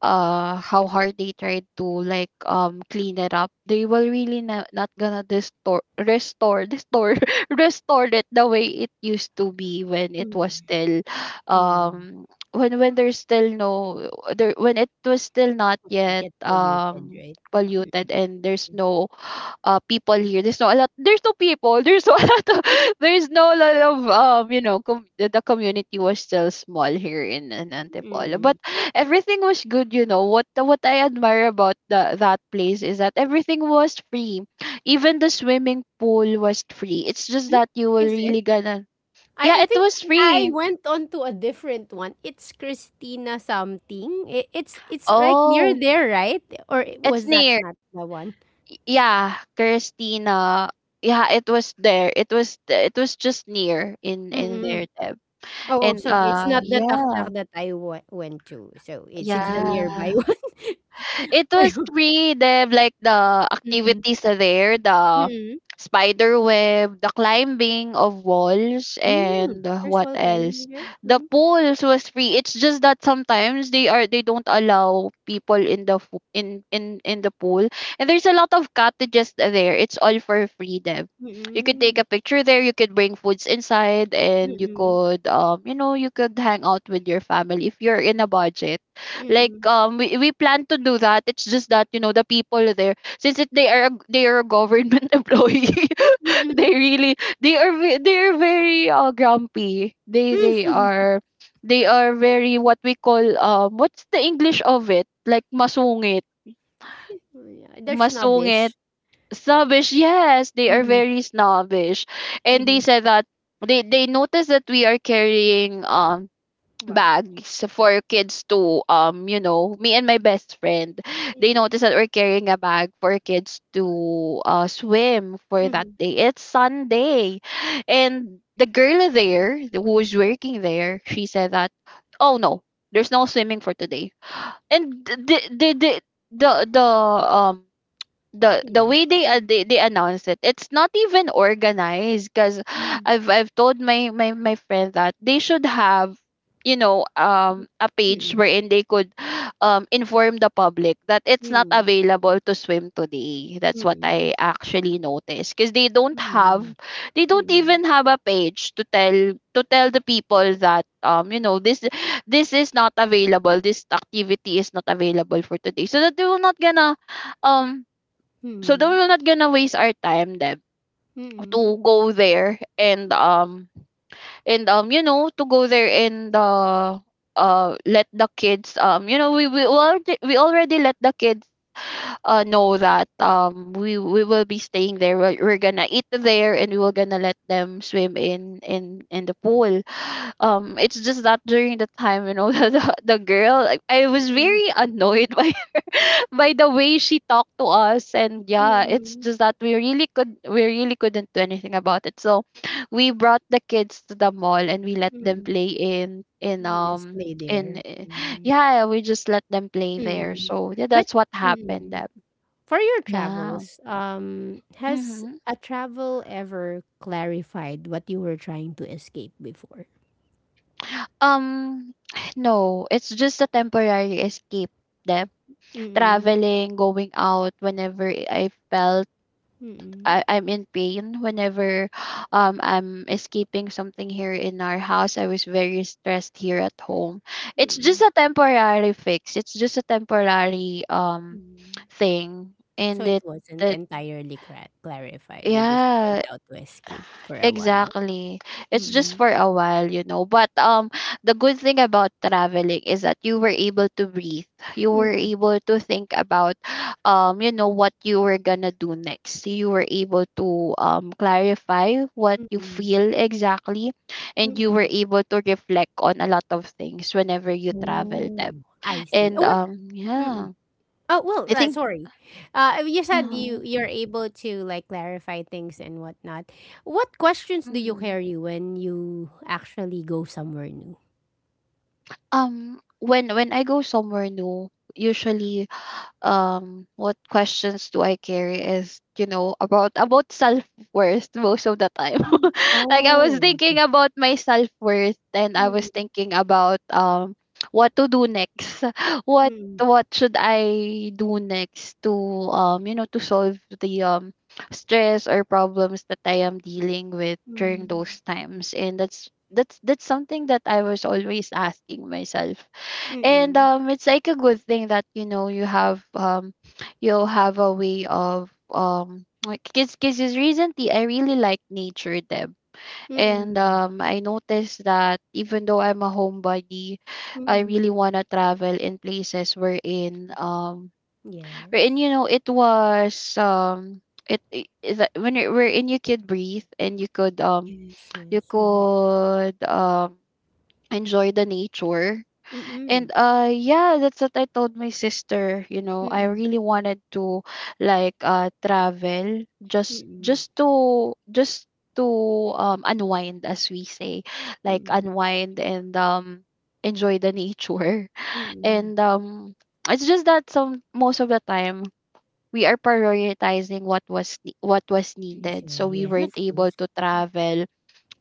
S2: uh how hard they try to, like, um clean it up, they will really na- not gonna restore restore restore restore it the way it used to be when it was
S1: Mm.
S2: still
S1: Mm.
S2: um when when there's still no there when it was still not
S1: It's not
S2: yet
S1: yet polluted,
S2: um
S1: right? Mm.
S2: polluted, and there's no uh people here. There's no a lot. There's no people. There's no a lot. Of, there's no lot of, um you know com- the, the community was still small here in, in Antipolo, but
S1: Mm.
S2: everything was good. You know what the- what I admire about the, that place is that everything was free. Even the swimming pool was free. It's just
S1: Hmm?
S2: that you will
S1: Is it?
S2: really gonna.
S1: I,
S2: Yeah,
S1: I
S2: it
S1: think
S2: was
S1: I
S2: free.
S1: went on to a different one. It's Christina something. It, it's it's like near
S2: Oh,
S1: there, right? Or it-
S2: it's
S1: was that
S2: near.
S1: not the one?
S2: Y- Yeah, Christina. Yeah, it was there. It was th- it was just near in in
S1: Mm.
S2: there.
S1: Oh,
S2: And,
S1: so it's
S2: uh
S1: not the
S2: yeah,
S1: Taktak that I w- went to. So it's it's the
S2: yeah.
S1: nearby one.
S2: It was
S1: Ayun,
S2: free. They have like the
S1: mm,
S2: activities there, the
S1: mm.
S2: spider web, the climbing of walls,
S1: Hmm,
S2: and uh,
S1: there's
S2: what
S1: wall climbing
S2: else?
S1: there?
S2: The
S1: Mhm,
S2: pools was free. It's just that sometimes they are they don't allow people in the fo- in in in the pool, and there's a lot of cottages there. It's all for free, Dev. You could take
S1: mm,
S2: a picture there. You could bring foods inside, and you
S1: mm,
S2: could, um you know, you could hang out with your family if you're in a budget, like,
S1: mm,
S2: um we, we plan to do that. It's just that, you know, the people there, since it, they are a- they are a government employee.
S1: mm,
S2: They
S1: mm.
S2: really, they are ve- they are very uh, grumpy. They they are they are very, what we call, um what's the English of it, like masungit.
S1: Yeah, they're
S2: Masungit,
S1: snobbish.
S2: snobbish, yes, they are
S1: Mhm,
S2: very snobbish. And they
S1: mhm.
S2: said that they they noticed that we are carrying, um
S1: What?
S2: bags for kids to, um you know, me and my best friend. They
S1: Mm,
S2: noticed that we're carrying a bag for kids to uh swim, for that
S1: mhm.
S2: day it's Sunday. And the girl there who was working there, she said that, oh no, there's no swimming for today. And the the the the, the um the the
S1: Yeah.
S2: way they uh, they, they announce it, it's not even organized. Because
S1: Mm,
S2: i've I've told my, my my friend that they should have, you know, um a page
S1: mm,
S2: wherein they could um inform the public that it's not
S1: mm,
S2: available to swim today. That's what
S1: mm,
S2: I actually noticed, because they don't
S1: mm,
S2: have, they don't
S1: mm,
S2: even have a page to tell to tell the people that, um you know, this this is not available, this activity is not available for today, so that they will not gonna um so then
S1: mm,
S2: we're not gonna waste our time then,
S1: mm,
S2: to go there and um and um you know, to go there and uh uh let the kids, um you know, we we already we already let the kids uh know that, um we we will be staying there, we're, we're gonna eat there, and we were gonna let them swim in in in the pool. Um it's just that during the time, you know, the the, the girl, like, I was
S1: mm,
S2: very annoyed by by the way she talked to us. And yeah,
S1: mm,
S2: it's just that we really could we really couldn't do anything about it. So we brought the kids to the mall and we let them
S1: mm,
S2: play in in
S1: mm.
S2: um
S1: Display
S2: in
S1: there.
S2: eh,
S1: Mm.
S2: yeah, we just let them play there.
S1: Mm.
S2: So yeah,
S1: But
S2: that's what happened
S1: mm,
S2: then.
S1: for your
S2: Yeah.
S1: travels, um, has
S2: Mm-hmm.
S1: a travel ever clarified what you were trying to escape before?
S2: um no, it's just a temporary escape them.
S1: Mm-mm.
S2: Traveling, going out whenever i I felt
S1: Mm-mm.
S2: I, I'm in pain, whenever um I'm escaping something here in our house. I was very stressed here at home. It's just
S1: Mm-mm.
S2: a temporary fix. It's just a temporary um
S1: Mm.
S2: thing.
S1: So
S2: And
S1: it
S2: it,
S1: wasn't
S2: that,
S1: entirely cra- clarified. You just went
S2: yeah,
S1: out to escape for a while.
S2: exactly. It's just
S1: Mm-mm.
S2: for a while, you know. But um the good thing about traveling is that you were able to breathe. You were
S1: Mm-mm.
S2: able to think about, um you know, what you were going to do next. You were able to um clarify what you
S1: Mm-mm.
S2: feel exactly, and you were
S1: Mm-mm.
S2: able to reflect on a lot of things whenever you travel
S1: Oh,
S2: them.
S1: I see.
S2: And
S1: Oh, what?
S2: um yeah,
S1: Oh well,
S2: I
S1: uh,
S2: think.
S1: sorry. Uh, you said you
S2: Uh-huh,
S1: you're able to like clarify things and whatnot. What questions do you
S2: mhm.
S1: carry when you actually go somewhere new?
S2: Um when when I go somewhere new, usually, um what questions do I carry is, you know, about about self worth, most of the time.
S1: Mm.
S2: Like, I was
S1: Oh.
S2: thinking
S1: Okay.
S2: about my self worth, and I was
S1: Mm,
S2: thinking about, um what to do next. What
S1: mm,
S2: what should I do next to um you know, to solve the um stress or problems that I am dealing with during
S1: mm,
S2: those times. And that's that's that's something that I was always asking myself. And
S1: mm,
S2: um it's like a good thing that, you know, you have um you'll have a way of, um like, because because recently I really like nature, Deb. And
S1: mm,
S2: um I noticed that even though I'm a homebody, I
S1: mm.
S2: really want to travel in places wherein um wherein,
S1: Yes.
S2: you know, it was um it, it is that when it, wherein you could breathe and you could um
S1: Yes.
S2: you
S1: Yes. Mm.
S2: could um enjoy the nature.
S1: Mm.
S2: And uh yeah, that's what I told my sister, you know, I
S1: Mm.
S2: really wanted to, like, uh travel, just
S1: Mm.
S2: just to just to um unwind, as we say, like
S1: Mm.
S2: unwind and um enjoy the nature.
S1: Mm.
S2: And um it's just that some, most of the time, we are prioritizing what was ne- what was
S1: Yes.
S2: needed,
S1: yeah,
S2: so we
S1: Yes.
S2: weren't
S1: Of
S2: able
S1: course.
S2: to travel.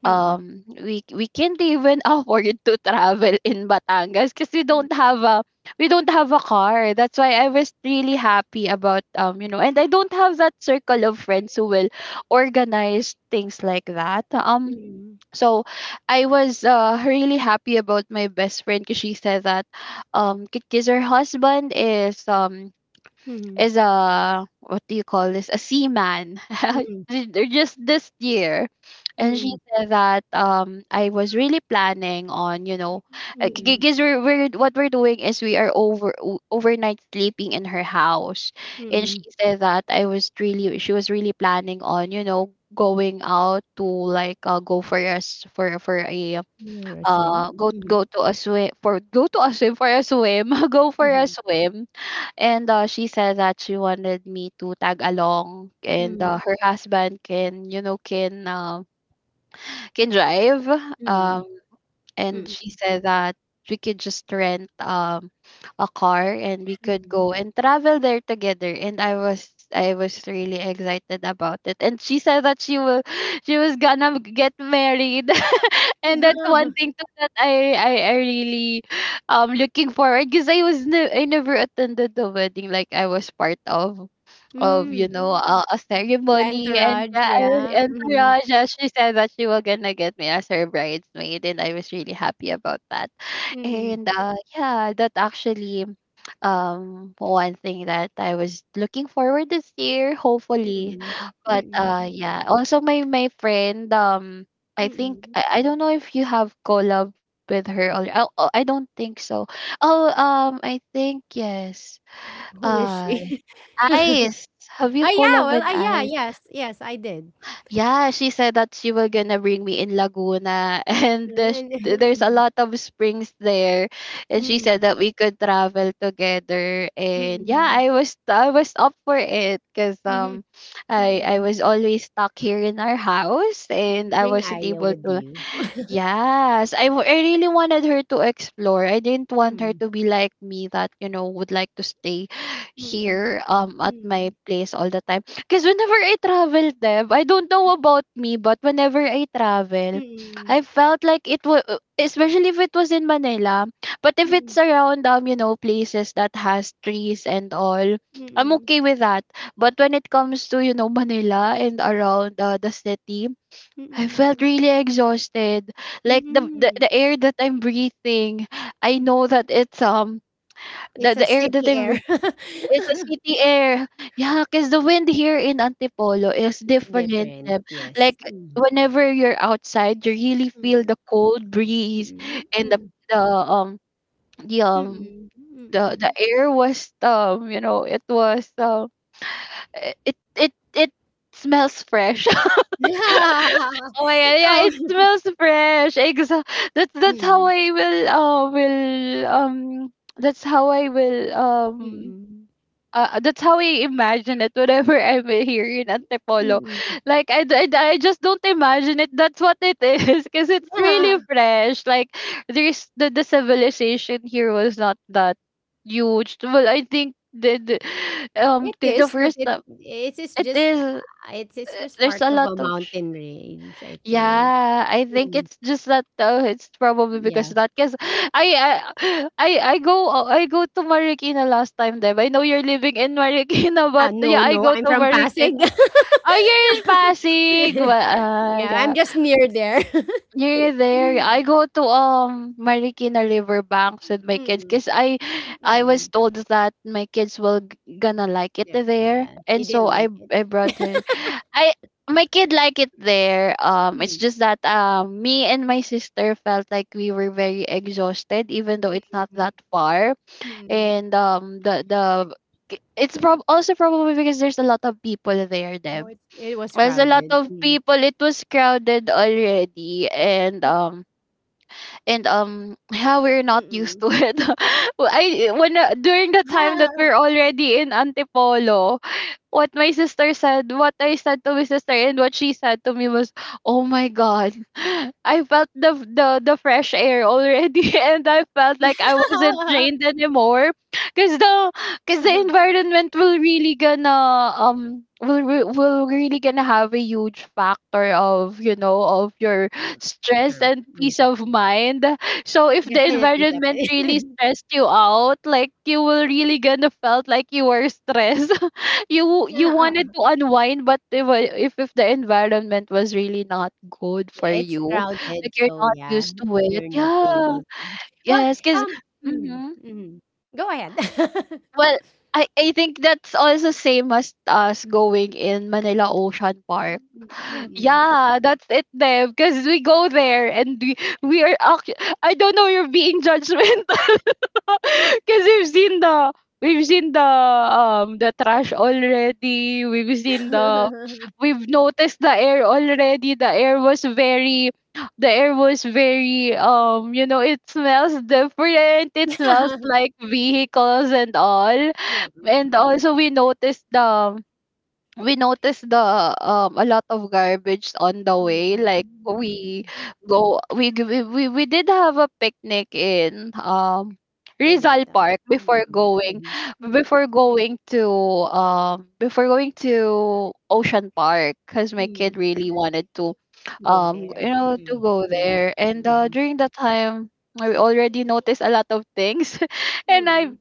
S1: Mm.
S2: um We we can't even afford to travel in Batangas because we don't have a, we don't have a car. That's why I was really happy about, um you know, and I don't have that circle of friends who will organize things like that. Um
S1: Mm.
S2: so I was uh, really happy about my best friend, because she said that um because her husband is um
S1: Mm.
S2: is a, what do you call this, a seaman
S1: Mm.
S2: Ju- ju- just this year.
S1: Mm.
S2: And she
S1: Mm.
S2: said that um I was really planning on, you know,
S1: Mm.
S2: because we're, we're what we're doing is we are over o- overnight sleeping in her house. And
S1: Mm.
S2: she said that I was really she was really planning on, you know, going out to, like, uh, go for us for for a
S1: Or swim.
S2: uh go
S1: Mhm.
S2: go to a swim for go to a swim for a swim go for a
S1: Mhm.
S2: swim. And, uh, she said that she wanted me to tag along, and,
S1: Mm.
S2: uh, her husband can, you know, can, um, can drive.
S1: Mm.
S2: Um, and
S1: Mm.
S2: she said that we could just rent, um, a car, and we could
S1: Hmm.
S2: go and travel there together. And I was I was really excited about it. And she said that she will she was gonna get married, and that's one thing too that I I, I really um looking forward, because I was ne- I never attended the wedding, like I was part of of you
S1: Mm.
S2: know Mm. a, a
S1: The
S2: ceremony. And,
S1: entourage,
S2: yeah, I-
S1: yeah.
S2: and
S1: Mhm.
S2: Tara, yeah, she said that she was gonna get me as her bridesmaid, and I was really happy about that,
S1: Mm.
S2: and, uh, yeah, that actually, um, one thing that I was looking forward this year, hopefully.
S1: Mm.
S2: But,
S1: Mm.
S2: uh, yeah, also my my friend, um, I think
S1: Mm.
S2: I, I don't know if you have collab with her, or, oh, oh, I don't think so. Oh, um, I think yes.
S1: Who is
S2: Uh,
S1: she? Oh,
S2: Ice. Have you
S1: yeah.
S2: collab
S1: Well,
S2: with
S1: ah, yeah.
S2: Ice?
S1: Yes. Yes, I did.
S2: Yeah, she said that she was gonna bring me in Laguna, and the, sh-
S1: And
S2: there's a
S1: mhm.
S2: lot of springs there, and she
S1: Mm.
S2: said that we could travel together. And, yeah,
S1: Mm.
S2: I was I was up for it, because
S1: Mhm.
S2: um, I
S1: Mm.
S2: I was always stuck here in our house, and I
S1: Bring
S2: wasn't
S1: Aya
S2: able
S1: with
S2: to.
S1: you.
S2: Yes, I, w- I really wanted her to explore. I didn't want her
S1: Mm.
S2: to be like me, that, you know, would like to stay
S1: Mm.
S2: here um at my
S1: Mm.
S2: place all the time. Because whenever I travel, Deb, I don't know about me, but whenever I travel,
S1: Mm.
S2: I felt like it was, especially if it was in Manila, but if it's
S1: Mm.
S2: around, um, you know, places that has trees and all, I'm
S1: Mm.
S2: okay with that. But when it comes to, you know, Manila and around, uh, the city, I felt
S1: Mm.
S2: really exhausted. Like the, the
S1: Mm.
S2: the air that I'm breathing, I
S1: Mm.
S2: know that it's um the,
S1: It's a
S2: the air that
S1: city
S2: I'm
S1: air.
S2: breathing is the city air. Yeah, cause the wind here in Antipolo is
S1: It's
S2: different,
S1: different,
S2: um,
S1: yes.
S2: like,
S1: Mm,
S2: whenever you're outside, you really feel the
S1: mm,
S2: cold breeze,
S1: mm,
S2: and the
S1: mm,
S2: the um the
S1: mm,
S2: um
S1: mm.
S2: the the
S1: Mm.
S2: air was, um you know it was um it it it, it smells fresh. Oh my god, yeah,
S1: Oh,
S2: it smells fresh. Exa that's that's how
S1: mm,
S2: I will uh will um that's how I will um
S1: mm,
S2: uh, that's how I imagine it, whenever I'm here in Antipolo. Like I, d- I, d- I just don't imagine it. That's what it is, because it's
S1: mm.
S2: really fresh. Like there's the, the civilization here was not that huge. Well, I think the, the um
S1: It
S2: 'cause the
S1: is, but
S2: first
S1: it
S2: time
S1: it's, it's
S2: it
S1: just
S2: is
S1: it's it's just
S2: there's
S1: part
S2: a
S1: of
S2: lot
S1: a
S2: of
S1: mountain range, I think.
S2: yeah, I think
S1: Mm,
S2: it's just that, uh, it's probably because
S1: yeah.
S2: of that, because I, I I I go, uh, I go to Marikina last time, Deb. I know you're living in Marikina,
S1: Ah,
S2: but, yeah,
S1: no,
S2: I
S1: no,
S2: go
S1: I'm
S2: to
S1: from
S2: Marikina.
S1: Pasig.
S2: Oh, you're in Pasig. Well, uh,
S1: Yeah,
S2: yeah.
S1: I'm just near there.
S2: Near there, I go to um Marikina Riverbanks with my kids,
S1: Mm,
S2: because I
S1: mm,
S2: I was
S1: mm.
S2: told that my kids will g- gonna like it
S1: Yeah,
S2: there,
S1: yeah. You
S2: and so
S1: didn't
S2: I
S1: like
S2: I brought her. I My kid like it there. Um, it's
S1: it.
S2: just that um me and my sister felt like we were very exhausted, even though it's not
S1: Mm,
S2: that far,
S1: mm.
S2: and um the the. It's prob also probably because there's a lot of people there,
S1: No,
S2: Deb.
S1: it's it was
S2: There's a lot
S1: crowded.
S2: of
S1: Mm.
S2: people, it was crowded already, and um and um yeah, we're not used
S1: Mm,
S2: to it. Well, I when uh, during the time that we're
S1: mm.
S2: already in Antipolo, what my sister said, what I said to my sister, and what she said to me was, "Oh my god, I felt the the the fresh air already, and I felt like I wasn't drained anymore, because the because the environment will really gonna um will re- will really gonna have a huge factor of, you know, of your
S1: Mm.
S2: stress
S1: True.
S2: and
S1: Mm.
S2: peace of mind. So if the
S1: Definitely,
S2: environment really
S1: definitely.
S2: stressed you out, like, you will really gonna felt like you were stressed." You you
S1: Yeah,
S2: wanted to unwind, but if I- if, if the environment was really not good for
S1: it's
S2: you,
S1: crowded,
S2: like, you're
S1: so
S2: not
S1: yeah,
S2: used to it,
S1: you're not
S2: yeah.
S1: able to. Well,
S2: Yes, because
S1: um, mm,
S2: mm-hmm.
S1: mm, go ahead.
S2: Well, I, I think that's also same as us going in Manila Ocean Park.
S1: Mm,
S2: Yeah, that's it there, because we go there, and we, we are actually, I don't know, you're being judgmental. Because we've seen the we've seen the um the trash already. We've seen the we've noticed the air already. The air was very the air was very, um you know, it smells different. It smells like vehicles and all. And also we noticed the we notice the um a lot of garbage on the way,
S1: Mm,
S2: like, we
S1: mm,
S2: go we g- we we we did have a picnic in um Rizal
S1: Dinetta.
S2: Park,
S1: Mm,
S2: before
S1: mhm,
S2: going
S1: mm. mm, mm,
S2: before going to um before going to Ocean Park, cuz my kid
S1: mm.
S2: really wanted to,
S1: Go
S2: um you
S1: there.
S2: know, to
S1: Mm,
S2: go
S1: mm,
S2: there. And, uh,
S1: mhm,
S2: during that time, I already noticed a lot of things. and I
S1: mm,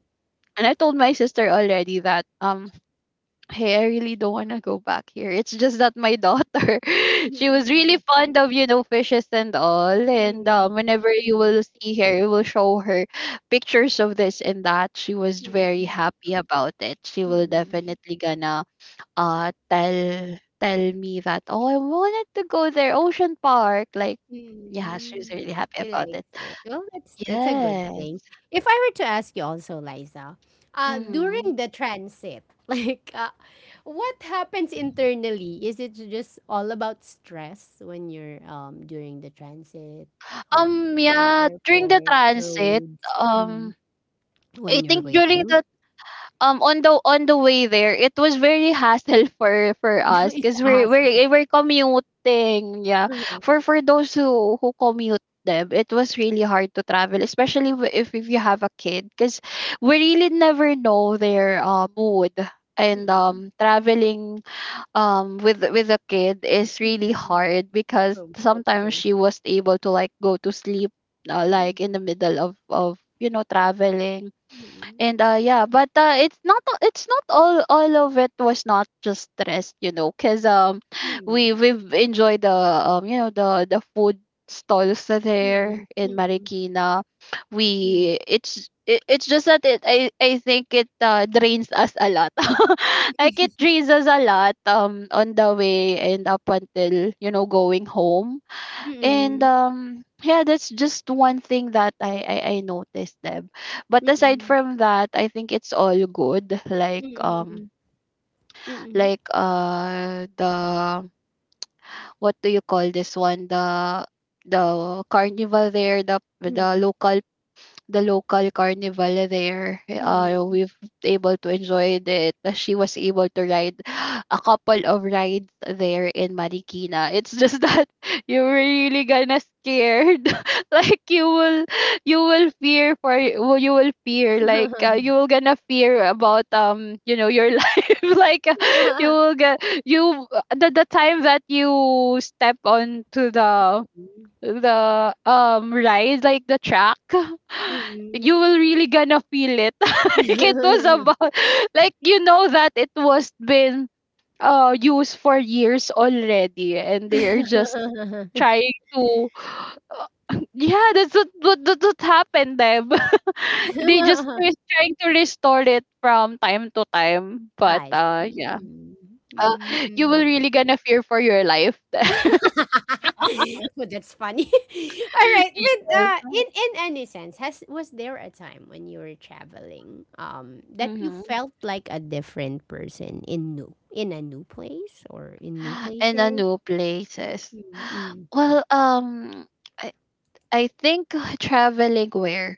S2: and I told my sister already that, um hey, I really don't want to go back here. It's just that my daughter,
S1: mhm,
S2: she was really
S1: mm,
S2: fond of, you know, fishes and all. And, um, whenever
S1: mm,
S2: you
S1: mm,
S2: will see her, you will show her pictures of this and that. She was very
S1: mm,
S2: happy about it. She will
S1: mm,
S2: definitely gonna uh tell tell me that, oh, I wanted to go there, Ocean Park. Like, yeah,
S1: mm.
S2: she's really happy
S1: She
S2: about it.
S1: likes it. Well, that's that's a good
S2: Yes.
S1: thing. If I were to ask you also, Liza, uh,
S2: Hmm.
S1: during the transit, like, uh, what happens internally? Is it just all about stress when you're um during the transit, um,
S2: Um,
S1: in
S2: yeah, during the
S1: airport,
S2: transit,
S1: roads,
S2: um,
S1: Mhm.
S2: I
S1: when you're
S2: think during
S1: waiting?
S2: the um on the on the way there, it was very hassle for for us,
S1: It's
S2: because
S1: a
S2: we're
S1: hassle.
S2: we're we're commuting, yeah.
S1: Mhm.
S2: For for those who who commute them, it was really hard to travel, especially w- if if you have a kid, because we really never know their, uh, mood, and
S1: Mm-mm.
S2: um traveling um with with a kid is really
S1: Mm-mm.
S2: hard, because
S1: True. That's
S2: sometimes
S1: true.
S2: she was able to, like, go to sleep, uh,
S1: Mm-mm.
S2: like in the middle of, of you know, traveling. And, uh yeah, but, uh it's not a- it's not all, all of it was not just stress, you know, because um we
S1: Mm-mm.
S2: we've enjoyed the, um you know, the the food stalls there
S1: Mm-mm.
S2: in Marikina.
S1: Mm-mm.
S2: We it's it, It's just that it I I think it, uh, drains us a lot. Like it drains us a lot, um on the way and up until, you know, going home. And, um yeah, that's just one thing that I, I I noticed, Deb. But aside
S1: Mm-mm.
S2: from that, I think it's all good.
S1: Mm-mm.
S2: Like,
S1: Mm-mm.
S2: um
S1: Mm-mm. Mm-mm.
S2: like, uh the, what do you call this one? The the carnival there, the the local the local carnival there.
S1: Mm-mm.
S2: Uh,
S1: Mm-mm.
S2: we've able to enjoy it. She was able to ride a couple of rides there in Marikina. It's just that, you were really gonna scared. Like you will, you will fear for, well, you will fear, like, uh, you will gonna fear about, um you know, your life. Like, uh, you will get you the the time that you step onto the,
S1: Mm-mm.
S2: the um ride, like, the track, you will really gonna feel it. Like it was
S1: Mm-mm.
S2: about, like, you know, that it was been uh used for years already, and they're just trying to yeah, that's what what, that's what happened them. They just was trying to restore it from time to time. But,
S1: I
S2: uh
S1: see.
S2: yeah. Uh, you will
S1: Mm-mm.
S2: really gonna fear for your life.
S1: Well, that's funny. All right, but
S2: Yes.
S1: uh, in in any sense, has was there a time when you were traveling, um, that you
S2: Mhm.
S1: felt like a different person in new in a new place or in new
S2: In a
S1: places?
S2: new places.
S1: Mm-mm,
S2: Well, um, I, I think traveling where,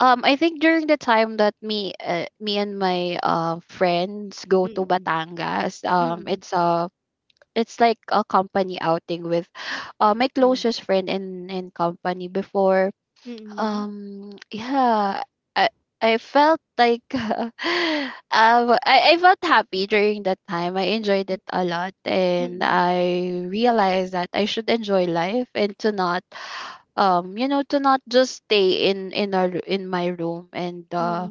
S2: um, I think during the time that me, uh, me and my, uh friends go to
S1: mm-mm,
S2: Batangas, um,
S1: mm-mm,
S2: it's a, it's like a company outing with, uh, my closest friend in in company before,
S1: mm-mm,
S2: um, yeah. I I felt like, um I I felt happy during that time. I enjoyed it a lot, and
S1: mm-mm,
S2: I realized that I should enjoy life and to not, um you know, to not just stay in in our in my room, and uh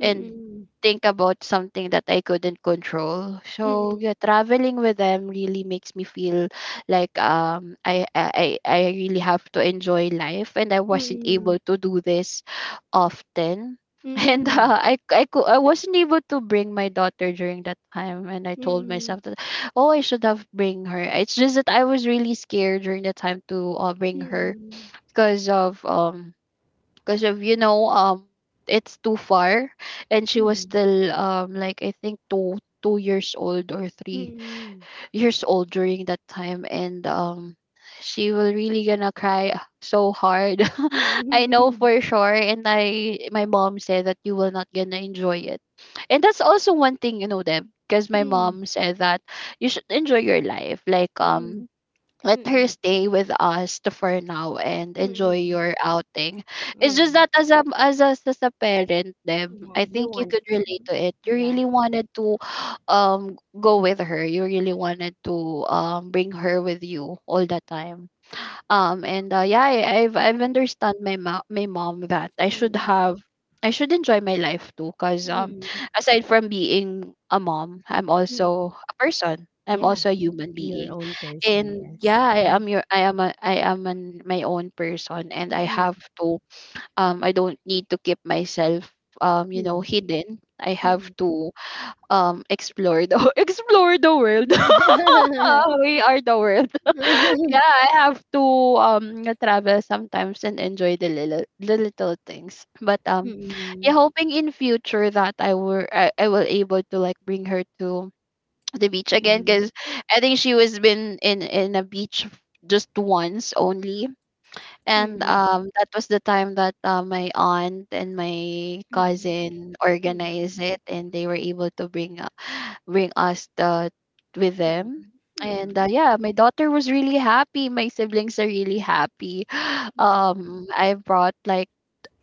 S2: and
S1: mm-mm,
S2: think about something that I couldn't control.
S1: mm-mm, mm-mm, mm-mm, mm-mm, mm-mm, mm-mm, mm-mm,
S2: So,
S1: mm-mm,
S2: yeah, traveling with them really makes me feel like, um I I I I really have to enjoy life, and I wasn't able to do this often. And uh, I I cou- I wasn't able to bring my daughter during that time, and I told myself that oh I should have bring her. It's just that I was really scared during the time to uh, bring her because of um because of you know um it's too far and she was still um like I think two two years old or three years old during that time and um she will really gonna cry so hard
S1: mm-mm,
S2: I know
S1: mm-mm,
S2: for sure and I my mom said that you will not gonna enjoy it and that's also one thing you know them because my
S1: mm-mm, mm-mm,
S2: mom said that you should enjoy your life like um let her
S1: mm-mm.
S2: stay with us to for now and enjoy
S1: Mm,
S2: your outing. It's just
S1: mm,
S2: that as a as a, as a parent, Deb,
S1: yeah.
S2: I
S1: Yeah, you
S2: think you
S1: want
S2: could relate to it. You
S1: yeah.
S2: really wanted to um go with her. You really wanted to um bring her with you all the time um and uh, yeah I, i've i've understand my ma- my mom that I should
S1: Mm,
S2: have I should enjoy my life too because um
S1: mm,
S2: aside from being a mom I'm
S1: mm.
S2: also a person I'm
S1: Yeah,
S2: also a human
S1: your
S2: being
S1: own person,
S2: and yeah
S1: yes.
S2: I
S1: Mhm.
S2: am your I am a I am an, my own person and I
S1: Mm,
S2: have to um I don't need to keep myself um you know
S1: mm,
S2: hidden I have
S1: mm,
S2: to um explore the explore the world. We are the world. Yeah, I have to um travel sometimes and enjoy the little the little things. But
S1: mm.
S2: um yeah,
S1: Mm,
S2: hoping in future that I were I, I will able to like bring her to the beach again
S1: mm,
S2: because I think she was been in in a beach just once only
S1: mm,
S2: and
S1: mm,
S2: um that was the time that uh, my aunt and my cousin organized it and they were able to bring bring us the with them. And
S1: mm,
S2: uh, yeah, my daughter was really happy. My siblings are really happy.
S1: mm,
S2: Um, I brought like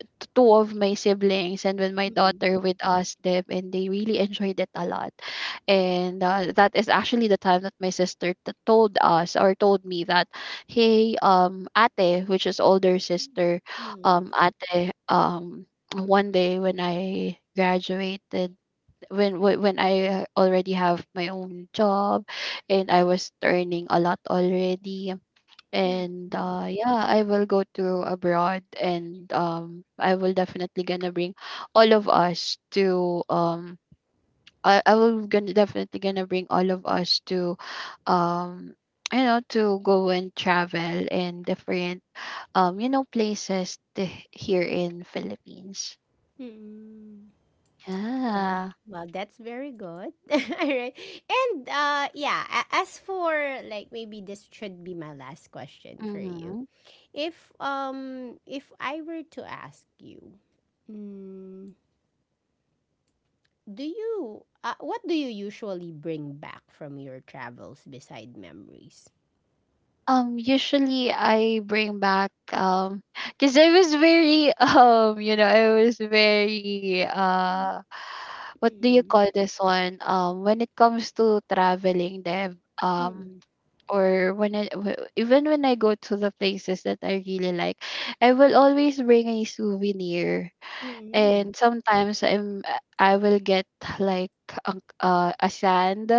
S2: t- two of my siblings and when
S1: mm,
S2: my
S1: mm,
S2: daughter with us, them, and they really enjoyed it a lot. And uh, that is actually the time that my sister t- told us or told me that, hey, um, ate, which is older sister,
S1: mm, mm, mm,
S2: um, ate, um, one day when I graduated when when when I uh, already have my own job and I was earning a lot already
S1: mm,
S2: and uh yeah I will go to abroad and um I will definitely gonna bring all of us to um I, I will gonna definitely gonna bring all of us to um you know to go and travel in different um you know places to, here in Philippines
S1: mm. Well,
S2: yeah
S1: well, that's very good. All right. And uh yeah, a- as for like maybe this should be my last question for you.
S2: mm-hmm.
S1: If um if I were to ask you, mm, do you uh, what do you usually bring back from your travels beside memories?
S2: Um, usually I bring back um, cause I was very um, you know, I was very uh, what do you
S1: Mm.
S2: call this one? Um, when it comes to traveling, Dev, um,
S1: Mm.
S2: or when I w- even when I go to the places that I really like, I will always bring a souvenir, and
S1: Mm.
S2: sometimes I'm I will get like a, uh, a sand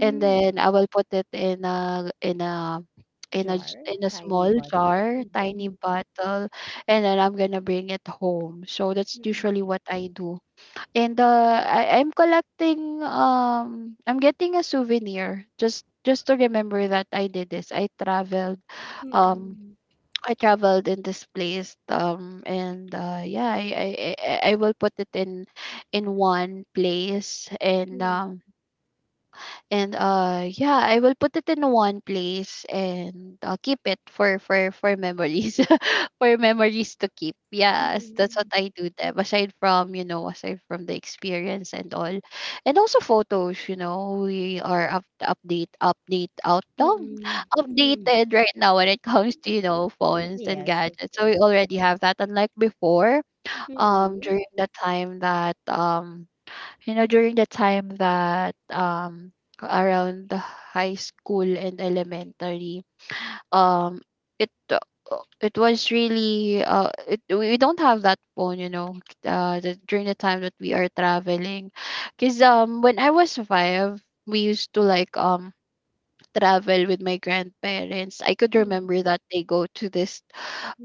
S2: and then I will put it in a in a in a
S1: Jar,
S2: j- in a
S1: tiny
S2: small
S1: bottle.
S2: jar, tiny
S1: Mm-hmm.
S2: bottle, and then I'm gonna bring it home. So that's
S1: Mm-hmm.
S2: usually what I do. And uh, I I'm collecting um I'm getting a souvenir just just to remember that I did this. I traveled um
S1: Mm-hmm.
S2: I traveled in this place um and uh yeah I I I, I I will put it in in one place and
S1: Mm-hmm.
S2: um and uh yeah, I will put it in one place and I'll keep it for for for memories. For memories to keep. Yes, that's what
S1: Mm-hmm.
S2: I do them. Aside from, you know, aside from the experience and all. And also photos, you know, we are up update update out down
S1: Mm-hmm.
S2: updated right now when it comes to, you know, phones and
S1: Yes, of
S2: gadgets. So we
S1: course.
S2: already have that. Unlike before, um
S1: Mm-mm.
S2: during the time that um you know during the time that um around the high school and elementary um it uh, it was really uh it, we don't have that phone you know uh the, during the time that we are traveling because um when I was five we used to like um travel with my grandparents I could
S1: Mm,
S2: remember that they go to this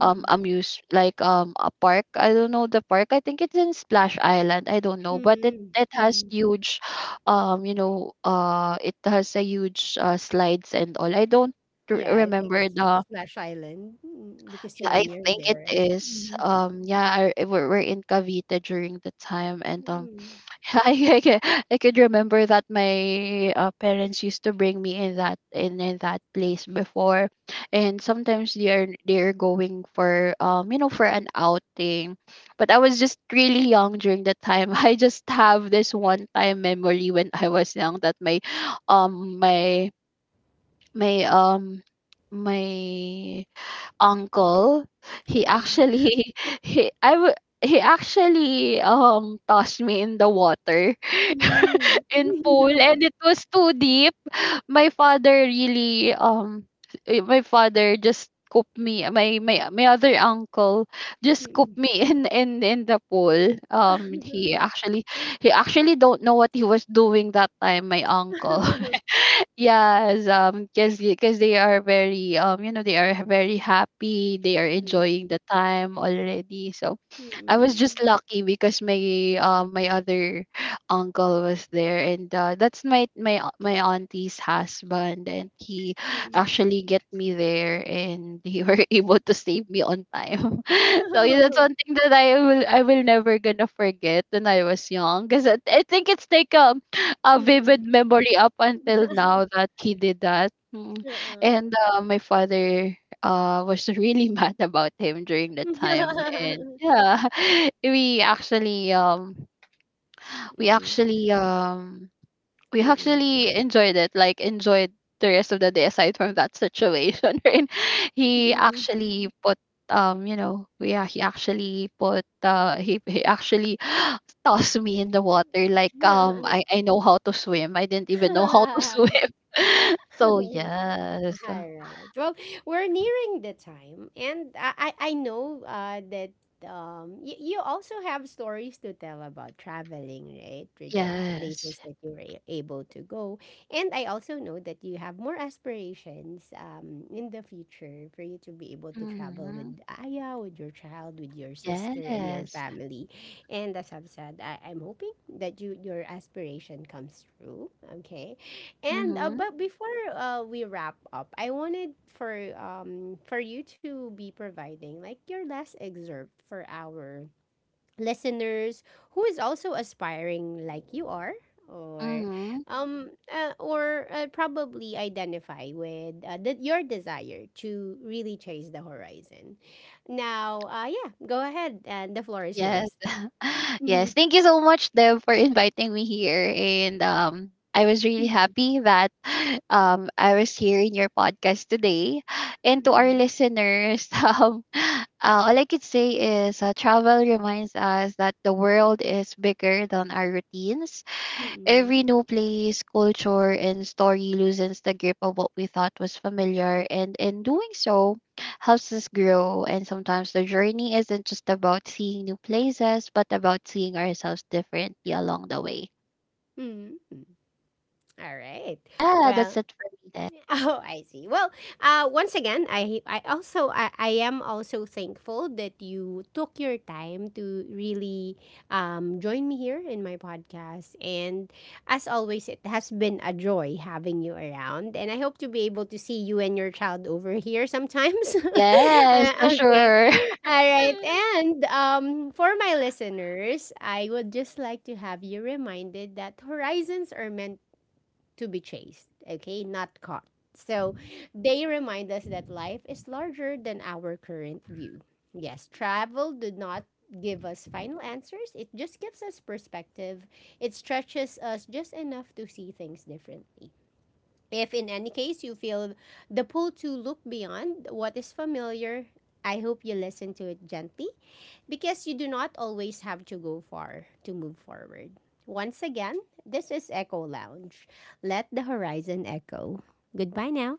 S2: um amuse like um a park. I don't know the park. I think it's in Splash Island. I don't know, but it
S1: mm,
S2: it has
S1: mm.
S2: huge, um you know uh it has a huge uh, slides and all. I don't r-
S1: Yeah, I think
S2: remember
S1: it's
S2: the.
S1: Splash Island mm, because
S2: Yeah,
S1: you're
S2: I
S1: near
S2: think
S1: there,
S2: it
S1: right?
S2: is.
S1: Mm,
S2: Um yeah, I, I- we're, we're in Cavite during the time and um
S1: mm,
S2: I, I, ca- I could remember that my uh, parents used to bring me in that in, in that place before, and sometimes they are they are going for um you know for an outing, but I was just really young during that time. I just have this one time memory when I was young that my um my my um my uncle he
S1: mm,
S2: actually he I w- he actually um tossed me in the water
S1: mm,
S2: in pool and it was too deep. My father really um eh, my father just cooked me my my my other uncle just
S1: mm.
S2: cooked me in in in the pool. Um he actually he actually don't know what he was doing that time my uncle. Yes, um cuz cuz they are very um you know they are very happy. They are
S1: Mm,
S2: enjoying the time already. So
S1: mm,
S2: I was just
S1: mm.
S2: lucky because my uh, my other uncle was there, and uh, that's my my au- my auntie's husband, and he
S1: Mm, mm.
S2: actually get me there, and he were able to save me on time.
S1: Mm,
S2: So
S1: mm,
S2: yeah, that's
S1: mm.
S2: one thing that I will I will never gonna forget when I was young, because I, I think it's like a a vivid memory up until now that he did that, Mm. And uh, my father uh was really mad about him during the time and yeah we actually um we actually um we actually enjoyed it, like, enjoyed the rest of the day aside from that situation right he actually put um you know yeah, he actually put uh he, he actually tossed me in the water like um I, I know how to swim I didn't even know how to swim so yes
S1: All right. Well, we're nearing the time, and I I I know uh, that um y- you also have stories to tell about traveling, right? To the
S2: yes
S1: places that you were a- able to go, and I also know that you have more aspirations um in the future for you to be able to travel with
S2: Mhm.
S1: Aya, with your child, with your sister, and your
S2: Yes.
S1: family. And as I've said, I, I'm hoping that you your aspiration comes true. Okay, and uh,
S2: Mhm.
S1: but before uh, we wrap up, I wanted for um for you to be providing like your last excerpt for our listeners who is also aspiring like you are or
S2: Mhm.
S1: um uh, or uh, probably identify with uh, the, your desire to really chase the horizon. Now, uh yeah, go ahead and the floor is
S2: Yes.
S1: yours.
S2: Yes.
S1: Mhm.
S2: Thank you so much, Deb, for inviting me here. And um, I was really
S1: Mhm.
S2: happy that um I was here in your podcast today. And to our
S1: Mhm.
S2: listeners, um, uh, all I could say is uh, travel reminds us that the world is bigger than our routines.
S1: Mhm.
S2: Every new place, culture, and story loosens the grip of what we thought was familiar, and in doing so, helps us grow. And sometimes the journey isn't just about seeing new places, but about seeing ourselves differently along the way.
S1: Mhm. All right.
S2: Yeah, that's
S1: Well,
S2: it for me then.
S1: Oh, I see. Well, uh, once again, I I also I, I am also thankful that you took your time to really um, join me here in my podcast. And as always, it has been a joy having you around. And I hope to be able to see you and your child over here sometimes.
S2: Yes,
S1: Uh,
S2: for
S1: okay.
S2: sure.
S1: All right. And um, for my listeners, I would just like to have you reminded that horizons are meant to be chased, okay, not caught. So they remind us that life is larger than our current view. Yes, travel did not give us final answers, it just gives us perspective. It stretches us just enough to see things differently. If in any case you feel the pull to look beyond what is familiar, I hope you listen to it gently because you do not always have to go far to move forward. Once again, this is Echo Lounge. Let the horizon echo. Goodbye now.